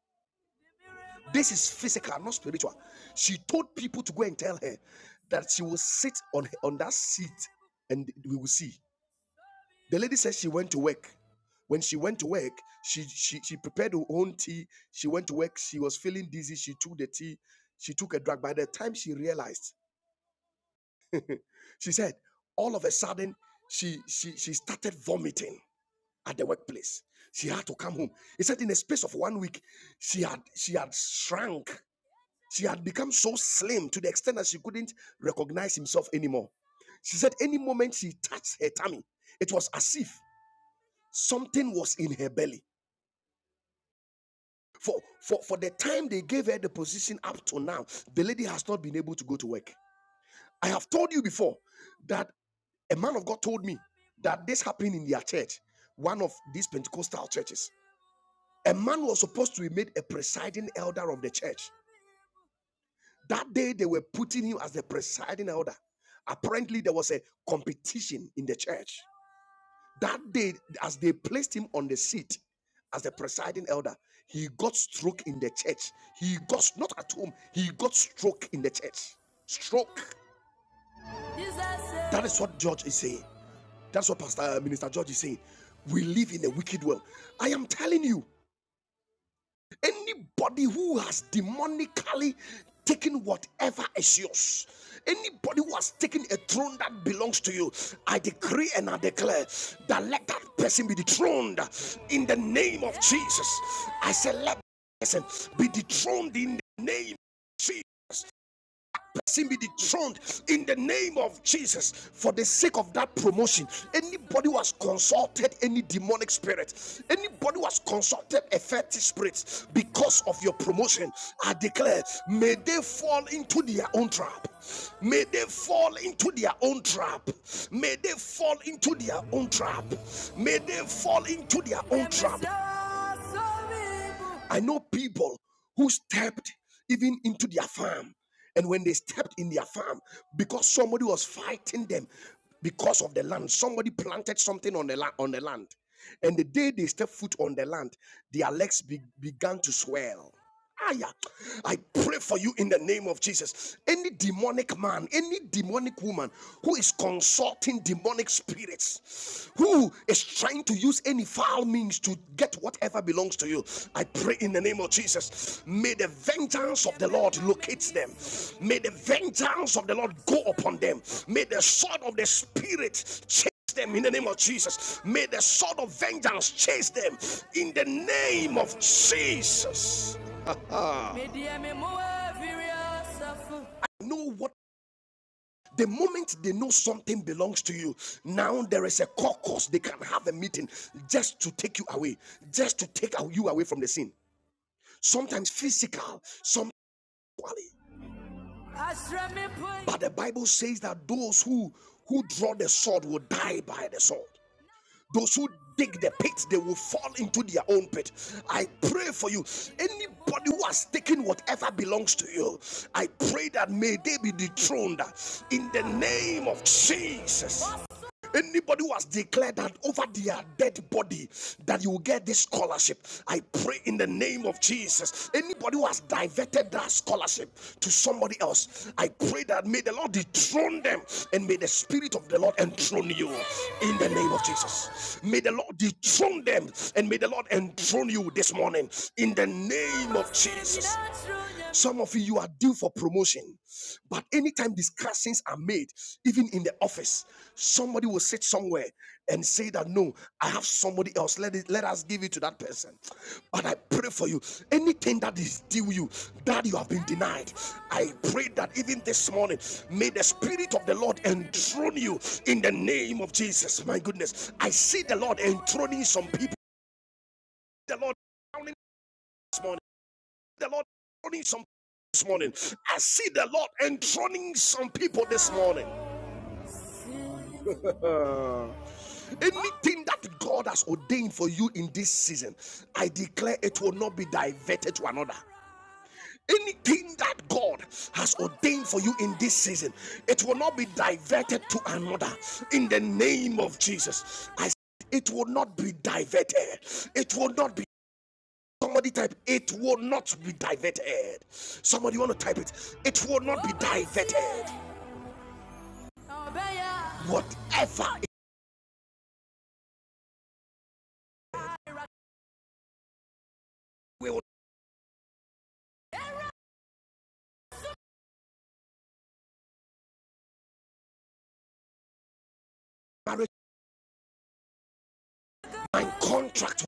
S1: This is physical, not spiritual. She told people to go and tell her that she will sit on, her- on that seat and we will see. The lady said she went to work. When she went to work, she, she she prepared her own tea. She went to work. She was feeling dizzy. She took the tea. She took a drug. By the time she realized, she said, all of a sudden, she she she started vomiting at the workplace. She had to come home. He said, in a space of one week, she had she had shrunk. She had become so slim to the extent that she couldn't recognize himself anymore. She said, any moment she touched her tummy, it was as if something was in her belly. For, for, for the time they gave her the position up to now, the lady has not been able to go to work. I have told you before that a man of God told me that this happened in their church, one of these Pentecostal churches. A man was supposed to be made a presiding elder of the church. That day they were putting him as the presiding elder. Apparently, there was a competition in the church. That day, as they placed him on the seat as the presiding elder, he got stroke in the church. He got not at home, he got stroke in the church. Stroke. That is what George is saying. That's what Pastor uh, Minister George is saying. We live in a wicked world. I am telling you, Anybody who has demonically taken whatever is yours, anybody who has taken a throne that belongs to you, I decree and I declare that let that person be dethroned in the name of Jesus. I say, let that person be dethroned in the name of Jesus. Sin be dethroned in the name of Jesus for the sake of that promotion. Anybody who has consulted any demonic spirit, anybody who has consulted a fetish spirit because of your promotion, I declare, may they fall into their own trap. May they fall into their own trap. May they fall into their own trap. May they fall into their own trap. I know people who stepped even into their farm. And when they stepped in their farm, because somebody was fighting them because of the land, somebody planted something on the, la- on the land. And the day they stepped foot on the land, their legs be- began to swell. Aya. I pray for you in the name of Jesus. Any demonic man, any demonic woman who is consulting demonic spirits, who is trying to use any foul means to get whatever belongs to you, I pray in the name of Jesus. May the vengeance of the Lord locate them. May the vengeance of the Lord go upon them. May the sword of the Spirit chase them in the name of Jesus. May the sword of vengeance chase them in the name of Jesus. Deɛ know what the moment they know something belongs to you now there is a caucus they can have a meeting just to take you away just to take you away from the scene sometimes physical sometimes Asra but the bible says that those who who draw the sword will die by the sword Those who dig the pit, they will fall into their own pit. I pray for you. Anybody who has taken whatever belongs to you, I pray that may they be dethroned in the name of Jesus. Anybody who has declared that over their dead body that you will get this scholarship, I pray in the name of Jesus. Anybody who has diverted that scholarship to somebody else, I pray that may the Lord dethrone them and may the Spirit of the Lord enthrone you in the name of Jesus. May the Lord dethrone them and may the Lord enthrone you this morning in the name of Jesus. Some of you, you are due for promotion, but anytime discussions are made, even in the office, somebody will sit somewhere and say that no, I have somebody else. Let it, let us give it to that person. But I pray for you. Anything that is due you, that you have been denied, I pray that even this morning, may the spirit of the Lord enthrone you in the name of Jesus. My goodness, I see the Lord enthroning some people. The Lord. this morning the Lord enthroning some people this morning. I see the Lord enthroning some people this morning. Anything that God has ordained for you in this season, I declare it will not be diverted to another. Anything that God has ordained for you in this season, it will not be diverted to another. In the name of Jesus, I said it will not be diverted. It will not be. Somebody type, it will not be diverted. Somebody want to type it. It will not be diverted. Whatever it will marriage my contract.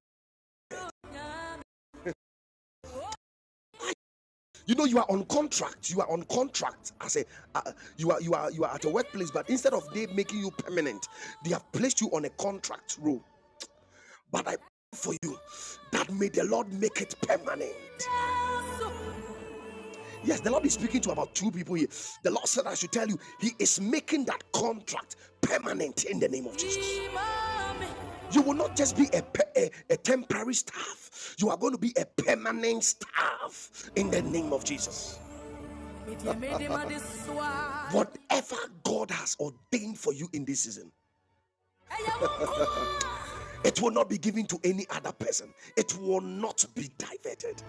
S1: You know you are on contract. You are on contract I say uh, you are you are you are at a workplace, but instead of they making you permanent, they have placed you on a contract role. But I pray for you that may the Lord make it permanent. Yes, the Lord is speaking to about two people here. The Lord said, I should tell you, He is making that contract permanent in the name of Jesus. You will not just be a, a, a temporary staff, you are going to be a permanent staff in the name of Jesus. Whatever God has ordained for you in this season, it will not be given to any other person, it will not be diverted.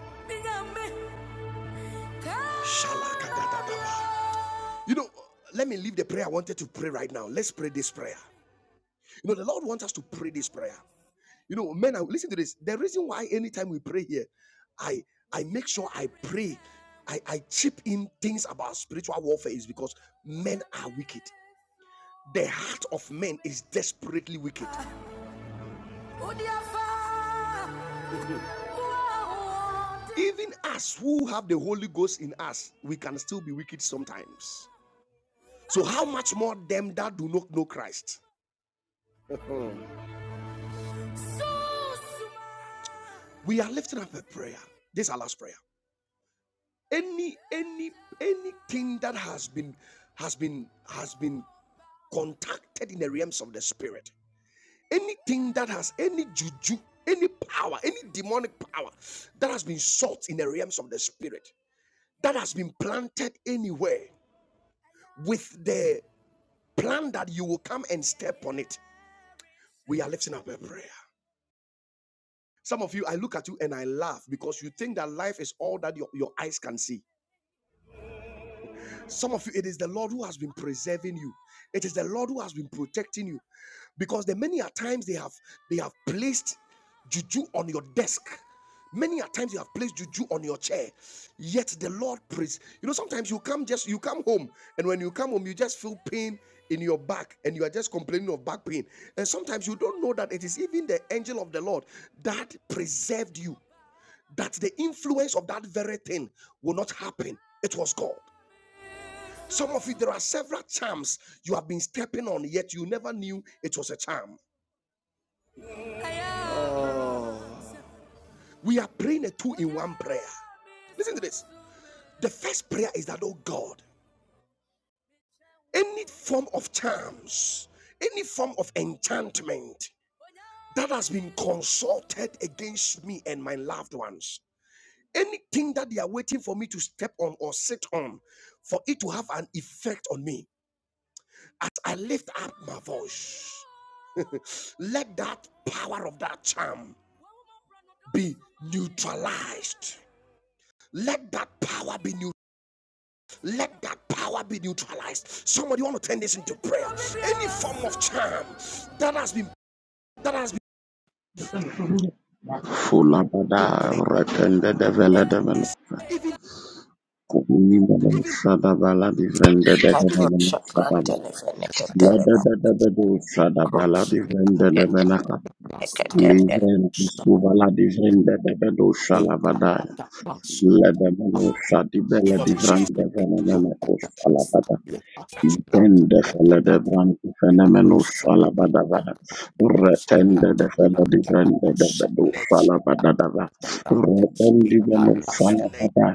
S1: You know, let me leave the prayer I wanted to pray right now. Let's pray this prayer. You know, the Lord wants us to pray this prayer. You know, men, listen to this. The reason why anytime we pray here, I I make sure I pray, I, I chip in things about spiritual warfare is because men are wicked. The heart of men is desperately wicked. Even us who have the Holy Ghost in us, we can still be wicked sometimes. So, how much more them that do not know Christ? We are lifting up a prayer. This is our last prayer. Any, any, anything that has been, has been, has been contacted in the realms of the spirit. Anything that has any juju, any power, any demonic power that has been sought in the realms of the spirit, that has been planted anywhere with the plan that you will come and step on it. We are lifting up a prayer. Some of you, I look at you and I laugh because you think that life is all that your, your eyes can see. Some of you, it is the Lord who has been preserving you. It is the Lord who has been protecting you. Because the many a times they have they have placed juju on your desk. Many a times you have placed juju on your chair. Yet the Lord prays. You know, sometimes you come just you come home, and when you come home, you just feel pain in your back, and you are just complaining of back pain. And sometimes you don't know that it is even the angel of the Lord that preserved you that the influence of that very thing will not happen. It was God. Some of you, there are several charms you have been stepping on, yet you never knew it was a charm. We are praying a two in one prayer. Listen to this. The first prayer is that, oh God, any form of charms, any form of enchantment that has been consulted against me and my loved ones, anything that they are waiting for me to step on or sit on for it to have an effect on me, as I lift up my voice, let that power of that charm be neutralized. Let that power be new. Let that power be neutralized. Somebody want to turn this into prayer. Any form of charm that has been that has been
S6: Fulabada
S1: placed,
S6: Rakanda Devela Devela
S1: even
S6: Kumi Bada
S1: even
S6: Shadabala Divrenda
S1: even in the
S6: Devela
S4: Katosha
S6: Shadaba Lada
S4: Brantenevelekateleba
S6: Devedu Shadabala Divrenda Devenaka
S7: Last time,
S4: Kukatelevelekateleba
S6: Livren
S7: stop.
S6: Subala Divrenda Devedu
S7: Eat,
S6: Shalabadaya Ledemeno
S7: Thank
S6: Shadibela
S1: name of Jesus,
S6: Divrenda
S1: you
S6: Devela Impende fella de branche fenomeno fala badava retende de fella di vrende de bedo
S1: name
S6: fala badava retendi meno
S1: in the
S6: fala
S1: name.
S6: bada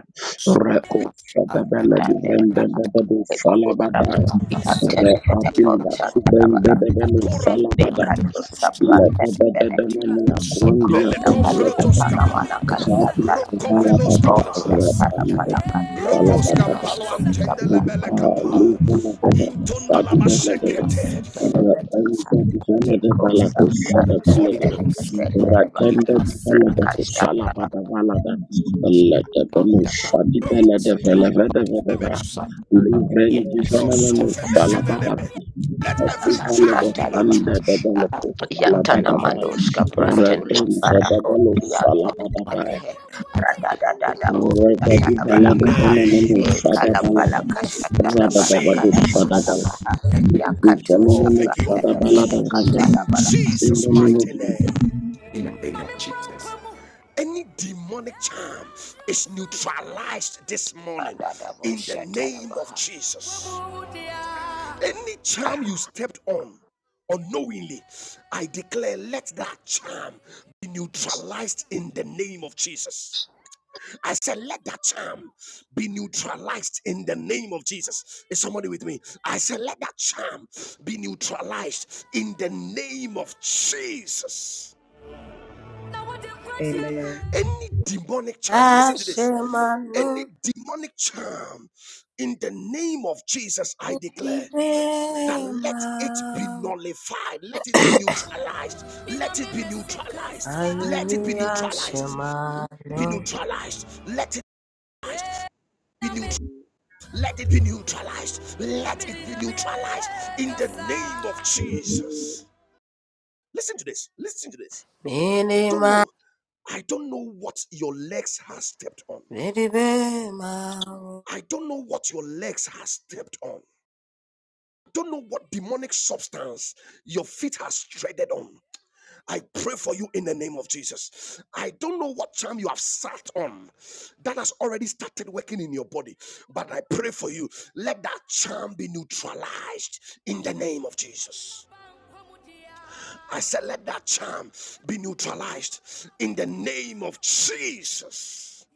S6: reco fada bella di vrende de bedo fala bada recapilla su vrende de meno
S1: Korabele
S6: fala bada le de de de de meno a quandia
S4: Ekobra
S6: fevele
S4: badia
S6: de
S4: tana
S1: komprotoskapa,
S4: mana kasta
S6: rati
S4: tala baha.
S6: fala bada
S4: O se
S1: rokoveloskapa.
S4: tala
S6: retende
S4: pala kasta
S6: fala
S1: Rokos
S4: tele
S6: badava
S4: mele
S1: Kampalo
S7: you.
S4: kosta
S1: Antende
S6: Rather
S4: branda
S1: Lebele
S7: Yes,
S1: Kapa
S4: kato kosta
S1: Intunda Labashekete
S4: tele bele baha. Eko sabia tele
S1: Korokeme
S4: mele kate bele baha. Rakasta tala
S1: Grosumfele Let
S4: pala
S1: every charm be
S4: kasta
S1: noted
S4: O, Ya Yatana Manushka Prantan Barako
S1: in the name of
S7: In the
S1: Jesus.
S6: in the
S1: Oh,
S6: name of
S1: thank you, Holy
S6: Father, Balada,
S1: Ghost.
S6: Balada.
S1: In
S6: In
S1: Jesus'
S6: the name of
S1: mighty
S6: Jesus.
S1: name.
S7: name of Jesus.
S1: any demonic charm is neutralized this morning in the name of Jesus. Any charm you stepped on unknowingly, I declare let that charm be neutralized in the name of Jesus. I said, let that charm be neutralized in the name of Jesus. Is somebody with me? I said, let that charm be neutralized in the name of Jesus. Hmm.
S2: Amen.
S1: Any demonic charm, listen to this. Any
S4: Ashemanu
S1: demonic charm in the name of Jesus, I declare that let it be
S4: Nitibema
S1: nullified, let it be neutralized, let it be neutralized, let it be
S4: Hallelujah
S1: neutralized, be
S4: Shemanu
S1: neutralized, let it be neut- let it be neutralized, let it be neutralized in the name of Jesus. Listen to this, listen to this. I don't
S4: Minima
S1: know, I don't know what your legs has stepped on.
S4: Nitibema
S1: I don't know what your legs have stepped on. Don't know what demonic substance your feet has treaded on. I pray for you in the name of Jesus. I don't know what charm you have sat on that has already started working in your body, but I pray for you. Let that charm be neutralized in the name of Jesus. I said, let that charm be neutralized in the name of Jesus.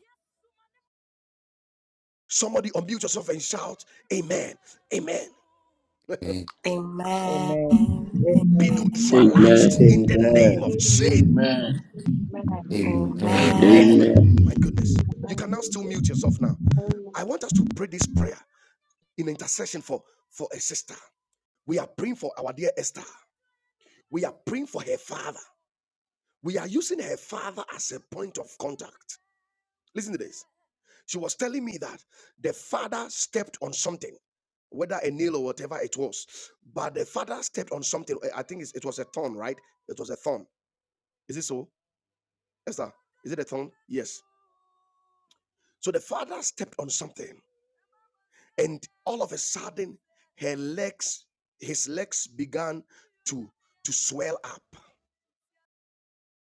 S1: Somebody unmute yourself and shout, Amen, Amen,
S7: Amen.
S2: Amen.
S4: Amen
S3: Amen.
S1: be
S2: Amen. Amen.
S1: neutralized
S6: Amen.
S1: in the name
S8: Amen.
S1: of
S9: Amen.
S1: Jesus.
S9: Amen.
S10: Amen.
S9: Amen.
S5: Amen.
S7: Amen.
S4: Amen
S9: Amen.
S10: Amen.
S2: Amen.
S6: Amen.
S1: My
S3: Amen.
S1: goodness.
S5: Amen.
S1: You can now
S2: Amen.
S1: still mute yourself now.
S9: Amen.
S1: I want us to pray this prayer in intercession for, for a sister. We are praying for our dear Esther. We are praying for her father. We are using her father as a point of contact. Listen to this. She was telling me that the father stepped on something, whether a nail or whatever it was. But the father stepped on something. I I think it's- it was a thorn, right? It was a thorn. Is it so? Esther, is it a thorn? Yes. So the father stepped on something, and all of a sudden, her legs, his legs began to, to swell up.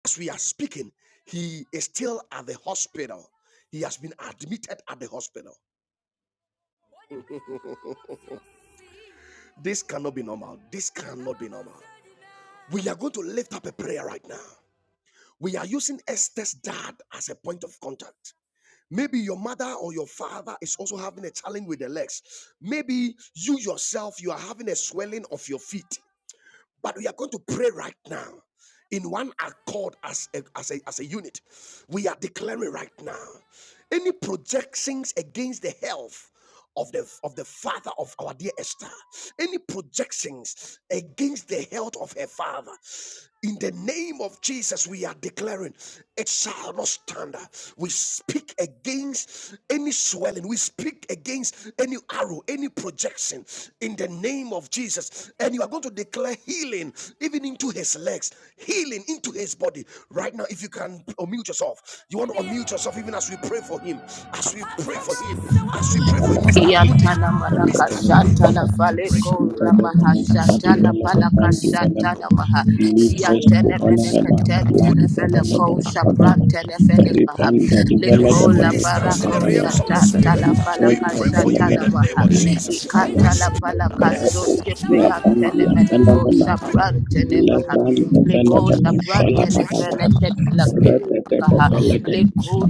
S1: As we are speaking, he is still at the hospital. He has been admitted at the hospital. This cannot be normal. This cannot be normal. We are going to lift up a prayer right now. We are using Esther's dad as a point of contact. Maybe your mother or your father is also having a challenge with the legs. Maybe you yourself, you are having a swelling of your feet. But we are going to pray right now in one accord as a, as a, as a unit. We are declaring right now any projections against the health of the of the father of our dear Esther any projections against the health of her father. In the name of Jesus, we are declaring it shall not stand. We speak against any swelling, we speak against any arrow, any projection in the name of Jesus. And you are going to declare healing even into his legs, healing into his body. Right now, if you can unmute yourself, you want to unmute yourself even as we pray for him, as we pray for him, as we pray for him,
S6: Shala,
S1: Mr.
S6: Balada.
S1: Goody,
S4: Yantana
S6: In the
S4: malaka
S1: Mr.
S6: name of
S1: Goody.
S4: shata la
S6: Father.
S1: Pray
S4: faleko
S6: In the
S4: ramaha
S6: name of Father,
S4: shata la
S6: Balada,
S4: palaka
S6: Vandi, Venem.
S4: shata la maha.
S6: Leave
S1: Son,
S6: rest,
S4: Yantene
S6: Kuhana,
S4: meneka
S6: Vena. Lad,
S4: tentene
S6: Venem,
S4: feleko
S6: Veno, Shada,
S4: sabrantene felekaha.
S6: Ripanda,
S1: there is
S6: Divelada,
S4: Leko
S1: no
S4: la
S6: Veno,
S1: distance in
S6: Shada,
S1: the
S4: barako
S1: realms
S6: Balada.
S1: of the
S4: shata
S1: spirit.
S4: la
S6: In friend,
S1: We
S4: falaka
S6: the
S1: pray for you
S4: shata
S1: in
S4: la
S1: the
S6: phenomenon.
S1: name
S4: maha.
S1: of
S7: Thank
S6: Balada,
S1: Jesus.
S6: Divelada.
S1: We
S4: Ikata la
S1: speak,
S2: Amen.
S4: palaka
S1: Alex.
S4: soske
S6: Records, Kia,
S4: preyantene
S6: Pandia,
S4: menefo
S1: That's
S6: Phenomena.
S2: By
S4: sabrantene maha.
S6: Lebran, the
S4: Leko
S6: Shala,
S4: sabrantene
S1: right.
S4: feleke Kaha,
S6: Balada.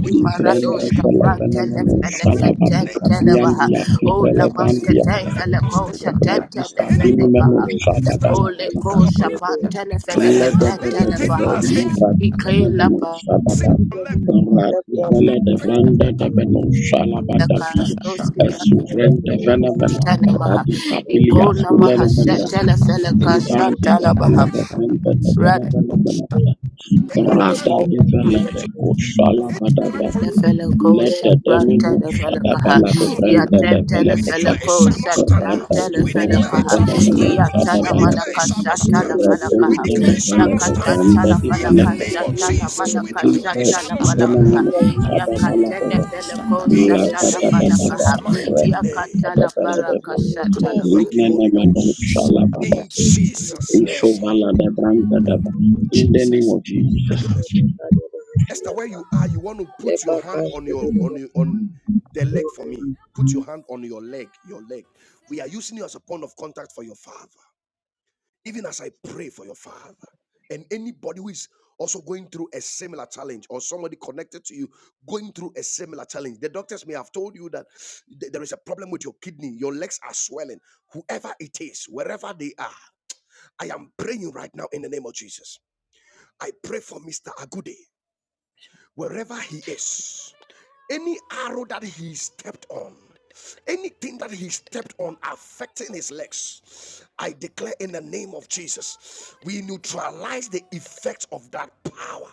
S1: We
S6: Ivrendi
S4: Maradoshka Branteles
S6: felevenemeno
S4: and
S1: name
S6: shalababuka
S4: Tentelevaha,
S6: biandia
S4: O Lamaska
S6: fivrelevandia
S1: that have
S4: Tentelekosha
S6: ebredista
S1: any
S6: vinimeno
S4: Tentelefenekaha,
S1: distance
S4: O
S6: shadabaladaba
S1: you
S4: Lekosha Pantelefeneka
S1: clear anything that
S6: ledebedebeve
S4: Tentelevaha,
S1: has entered
S6: livravenemeno
S4: Ikalapa
S6: shadaba
S1: your left.
S6: radivele devrende debeno shalabadavi
S4: Kastoski
S6: esuvrende venemena
S4: Tanemaha,
S6: radikabilia
S4: Ikona Mahasha
S6: suleremene
S4: Telefeleka
S1: We
S6: ribande
S4: Shatalabaha,
S6: develebevende
S4: Rat.
S6: develevenemena
S7: you.
S1: any
S2: the
S1: plan
S6: rada
S2: power of the
S6: divele
S2: Holy
S1: affect you.
S2: Ghost,
S6: deko
S2: I
S1: Any plan
S6: shalabadaba
S1: for it.
S2: decree and I
S4: Lefeleco
S6: let
S2: declare
S6: the
S2: for
S4: Shapranta
S6: demon
S4: Lefelecaha,
S6: Shadabala the friend the
S4: Yatanta
S2: you.
S1: We
S6: developer
S1: declare
S6: Shaha.
S1: it
S4: Lefeleco
S1: shall not stand.
S2: Yes,
S6: Rada
S4: Shatanta
S2: yes,
S1: We declare
S6: develop the
S1: it
S4: Lefelecaha,
S1: shall not
S6: phenomenon
S1: stand.
S4: Yatana
S1: We
S6: Shadabala
S1: declare
S6: the
S1: it
S4: Manaka
S1: shall not
S4: Shatala
S1: stand.
S6: Return
S1: We
S4: Falakaha,
S6: the
S1: declare it shall not
S6: developer
S1: stand.
S6: from
S4: Yakatanta
S6: the
S4: La
S1: In the
S4: Falaka
S6: developer
S1: name of
S6: Shaha.
S4: Shatana
S1: Jesus, we
S4: Manaka
S1: declare it
S6: Reverse
S1: shall
S4: Shatala
S1: not
S6: the
S1: stand.
S4: Falakaha,
S6: phenomenon Shadabala
S4: Yakatene
S6: the
S4: Beleco
S1: In
S6: Lada
S4: Shatana
S6: da da da da
S1: Jesus'
S4: Falakaha,
S1: mighty name.
S4: Yakatala
S6: Return the
S4: Baraka
S6: developer.
S1: Oh,
S4: Shatala Baha.
S1: thank you,
S6: Ligne
S1: Holy
S6: Nemenon
S1: Ghost.
S6: Shalabada.
S1: In Jesus' name.
S6: Ishovala the brand the In the name
S7: Jesus.
S6: of Jesus.
S1: My goodness. Esther, where you are, you want to put your hand on your on your, on the leg for me. Put your hand on your leg, your leg. We are using you as a point of contact for your father. Even as I pray for your father and anybody who is also going through a similar challenge or somebody connected to you going through a similar challenge. The doctors may have told you that th- there is a problem with your kidney, your legs are swelling. Whoever it is, wherever they are, I am praying right now in the name of Jesus. I pray for Mr. Agude, wherever he is. Any arrow that he stepped on, anything that he stepped on affecting his legs, I declare in the name of Jesus, we neutralize the effect of that power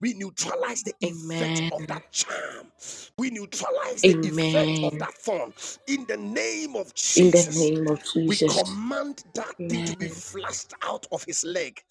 S1: we neutralize the effect
S4: Amen.
S1: of that charm. We neutralize the effect of
S4: Amen.
S1: that thorn. In the name of
S4: In the
S1: Jesus,
S4: name of
S1: we
S4: Jesus.
S1: command that thing to
S4: Amen.
S1: be flushed out of his leg.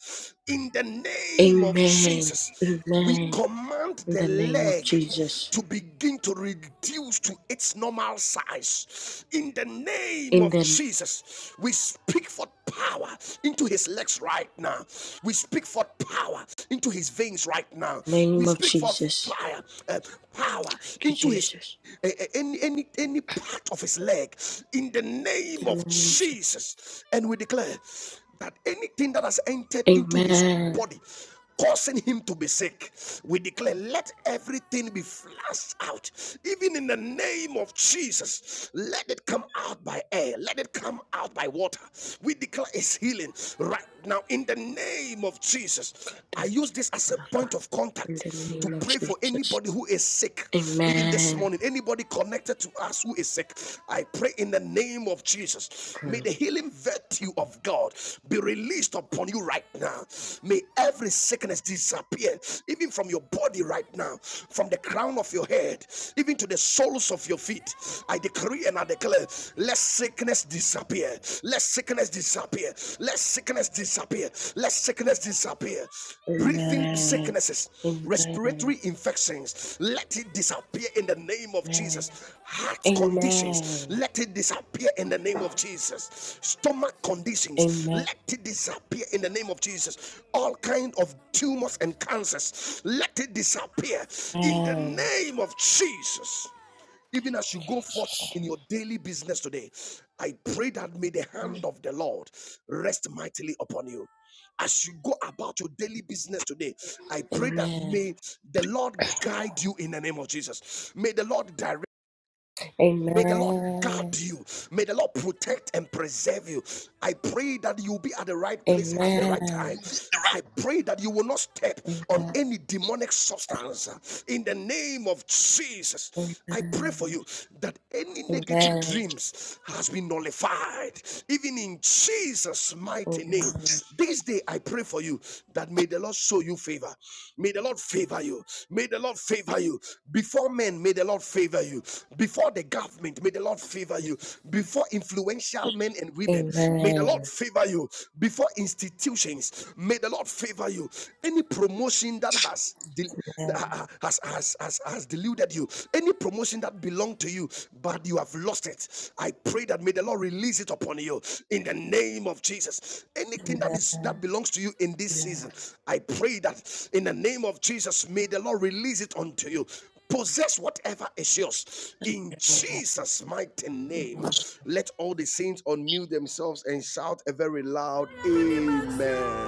S1: In the name of
S4: Amen.
S1: Jesus, we
S4: Amen.
S1: command
S4: In
S1: the
S4: the name of
S1: leg
S4: Jesus.
S1: to begin to reduce to its normal size. In the name
S4: In
S1: of
S4: the
S1: Jesus, we speak for power power into his legs right now. We speak for power into his veins right now.
S4: name
S1: We
S4: of
S1: speak for
S4: Jesus.
S1: fire, uh, power
S4: Thank you,
S1: into his
S4: Jesus.
S1: uh, uh, any any any part of his leg in the name
S4: In the
S1: of
S4: name of Jesus.
S1: Jesus and we declare that anything that has entered into his
S4: Amen.
S1: body causing him to be sick. We declare, let everything be flushed out, even in the name of Jesus. Let it come out by air, let it come out by water. We declare his healing right now in the name of Jesus. I use this as a point of
S4: In the
S1: contact to
S4: name of
S1: pray for
S4: Jesus.
S1: anybody who is sick, even this
S4: Amen.
S1: morning, anybody connected to us who who is sick. I pray in the name of Jesus. May
S4: Amen.
S1: the healing virtue of God be released upon you right now. May every sickness disappear, even from your body right now, from the crown of your head, even to the soles of your feet. I decree and I declare, let sickness disappear. Let sickness disappear. Let sickness disappear. Let sickness disappear breathing sicknesses,
S4: Amen.
S1: respiratory infections, let it disappear in the name of
S4: Amen.
S1: Jesus. Heart conditions,
S4: Amen.
S1: let it disappear in the name of Jesus. Stomach conditions,
S4: Amen.
S1: let it disappear in the name of Jesus. All kind of tumors and cancers, let it disappear in the
S4: Amen.
S1: name of Jesus even as you go forth in your daily business today, I pray that may the hand of the Lord rest mightily upon you. As you go about your daily business today, I pray that
S4: Amen.
S1: may the Lord guide you in the name of Jesus. May the Lord direct May the Lord guard you. May the Lord protect and preserve you. I pray that you'll be at the right
S4: Amen.
S1: place at the right
S4: Amen.
S1: time. I pray that you will not step on any demonic substance uh, in the name of Jesus. I pray for you that any
S4: Amen.
S1: negative dreams has been nullified, even in Jesus' mighty
S4: Amen.
S1: name. This day, I pray for you that may the Lord show you favor. May the Lord favor you. May the Lord favor you. Before men, may the Lord favor you. Before the government, may the Lord favor you. Before influential men and women,
S4: Amen.
S1: may the Lord
S4: Amen.
S1: favor you. Before institutions, may the Lord favor you. Any promotion that has del- has, has, has, has deluded you, any promotion that belonged to you, but you you have lost it, I pray that may the Lord release it upon you in the name of Jesus. Anything that is that belongs to you in this season, I pray that in the name of Jesus, may the Lord release it unto you. Possess whatever is yours in Jesus' mighty name. Let all the saints unmute themselves and shout a very loud Amen.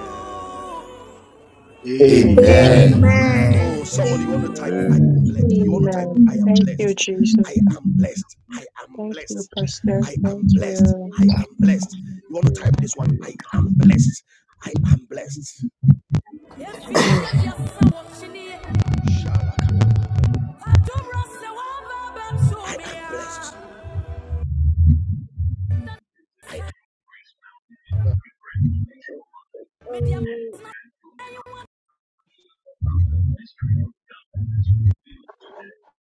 S4: Amen.
S8: Amen.
S7: Amen.
S9: Amen.
S10: Amen.
S1: Oh,
S11: Amen.
S1: somebody, you want to type, I
S12: Oh.
S1: am blessed. You want to type,
S9: Amen.
S1: I
S3: Amen.
S1: am
S9: Thank you,
S1: blessed.
S9: Jesus.
S1: I am blessed. I am
S9: Thank you,
S1: blessed.
S3: I
S9: Pastor.
S1: I
S9: Thank
S3: think
S1: am
S3: it's
S1: blessed.
S9: you.
S3: in
S1: I am blessed.
S3: Jesus'
S1: You
S3: name.
S1: want to type this
S5: Amen.
S1: one, I
S5: Amen.
S1: am blessed. I am blessed. I am blessed.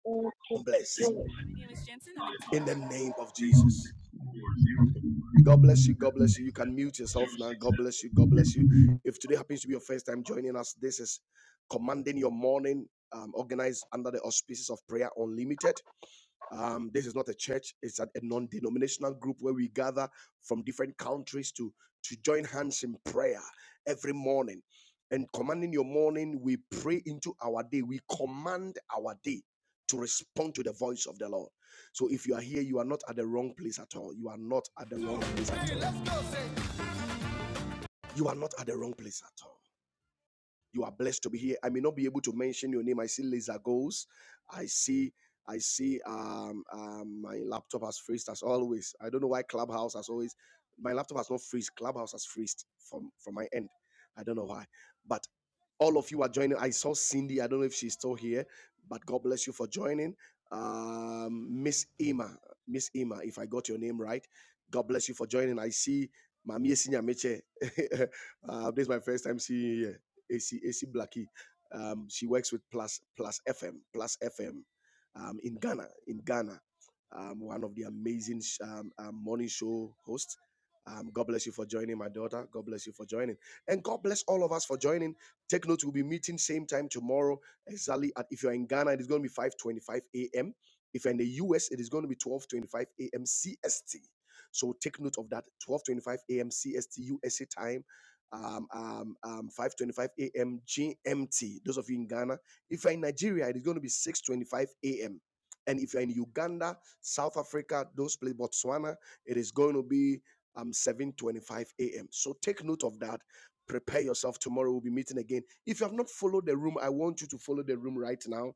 S2: Thank you.
S1: blessed.
S2: Jesus.
S1: My name is Jensen. I'm in the name of Jesus. God bless you. God bless you. You can mute yourself now. God bless you. God bless you. If today happens to be your first time joining us, this is Commanding Your Morning, um, organized under the auspices of Prayer Unlimited. Um, this is not a church, it's a, a non denominational group where we gather from different countries to, to join hands in prayer every morning. And commanding your morning, we pray into our day, we command our day to respond to the voice of the Lord. So if you are here, you are not at the wrong place at all. You are not at the wrong place at all. You are not at the wrong place at all. You are blessed to be here. I may not be able to mention your name. I see laser goals. I see. I see. Um, um, my laptop has freezed as always. I don't know why Clubhouse has always. My laptop has not freezed. Clubhouse has freezed from from my end. I don't know why, but all of you are joining. I saw Cindy. I don't know if she's still here, but God bless you for joining. Um, Miss Emma. Miss Emma, if I got your name right, God bless you for joining. I see Mami Esinya Meche. uh, this is my first time seeing you here. AC AC Blackie. Um, she works with Plus Plus FM Plus FM um, in Ghana in Ghana. Um, one of the amazing um, um, morning show hosts. Um, God bless you for joining, my daughter. God bless you for joining, and God bless all of us for joining. Take note, we'll be meeting same time tomorrow exactly at. If you're in Ghana, it is going to be 5:25 a.m. If you're in the US, it is going to be 12:25 a.m. CST. So take note of that. 12:25 a.m. CST USA time um, um, um, 5.25 a.m. GMT. Those of you in Ghana. If you're in Nigeria, it is going to be 6.25 a.m. And if you're in Uganda, South Africa, those places, Botswana, it is going to be um, 7.25 a.m. So take note of that. Prepare yourself. Tomorrow we'll be meeting again. If you have not followed the room, I want you to follow the room right now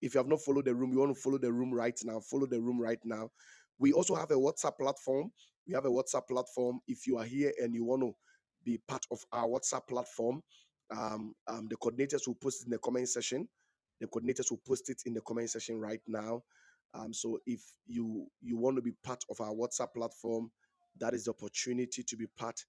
S1: if you have not followed the room, you want to follow the room right now, follow the room right now. We also have a WhatsApp platform. We have a WhatsApp platform. If you are here and you want to be part of our WhatsApp platform, um, um, the coordinators will post it in the comment section. The coordinators will post it in the comment section right now. Um, so if you you want to be part of our WhatsApp platform, that is the opportunity to be part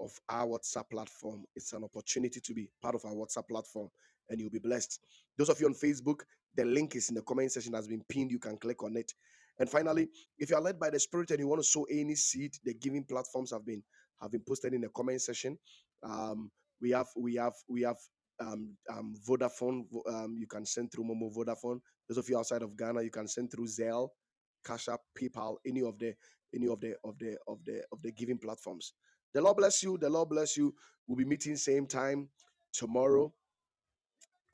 S1: of our WhatsApp platform. It's an opportunity to be part of our WhatsApp platform, and you'll be blessed. Those of you on Facebook, the link is in the comment section has been pinned. You can click on it. And finally, if you are led by the Spirit and you want to sow any seed, the giving platforms have been have been posted in the comment section. Um, we have we have we have um, um, Vodafone. Um, you can send through Momo Vodafone. Those of you outside of Ghana, you can send through Zelle, Cash App, PayPal, any of the any of the of the of the of the giving platforms. The Lord bless you. The Lord bless you. We'll be meeting same time tomorrow.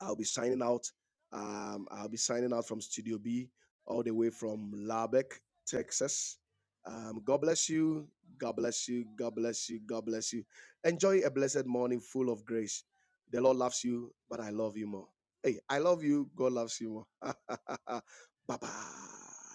S1: I'll be signing out. Um, I'll be signing out from Studio B, all the way from Lubbock, Texas. Um, God bless you. God bless you. God bless you. God bless you. Enjoy a blessed morning full of grace. The Lord loves you, but I love you more. Hey, I love you. God loves you more. bye bye.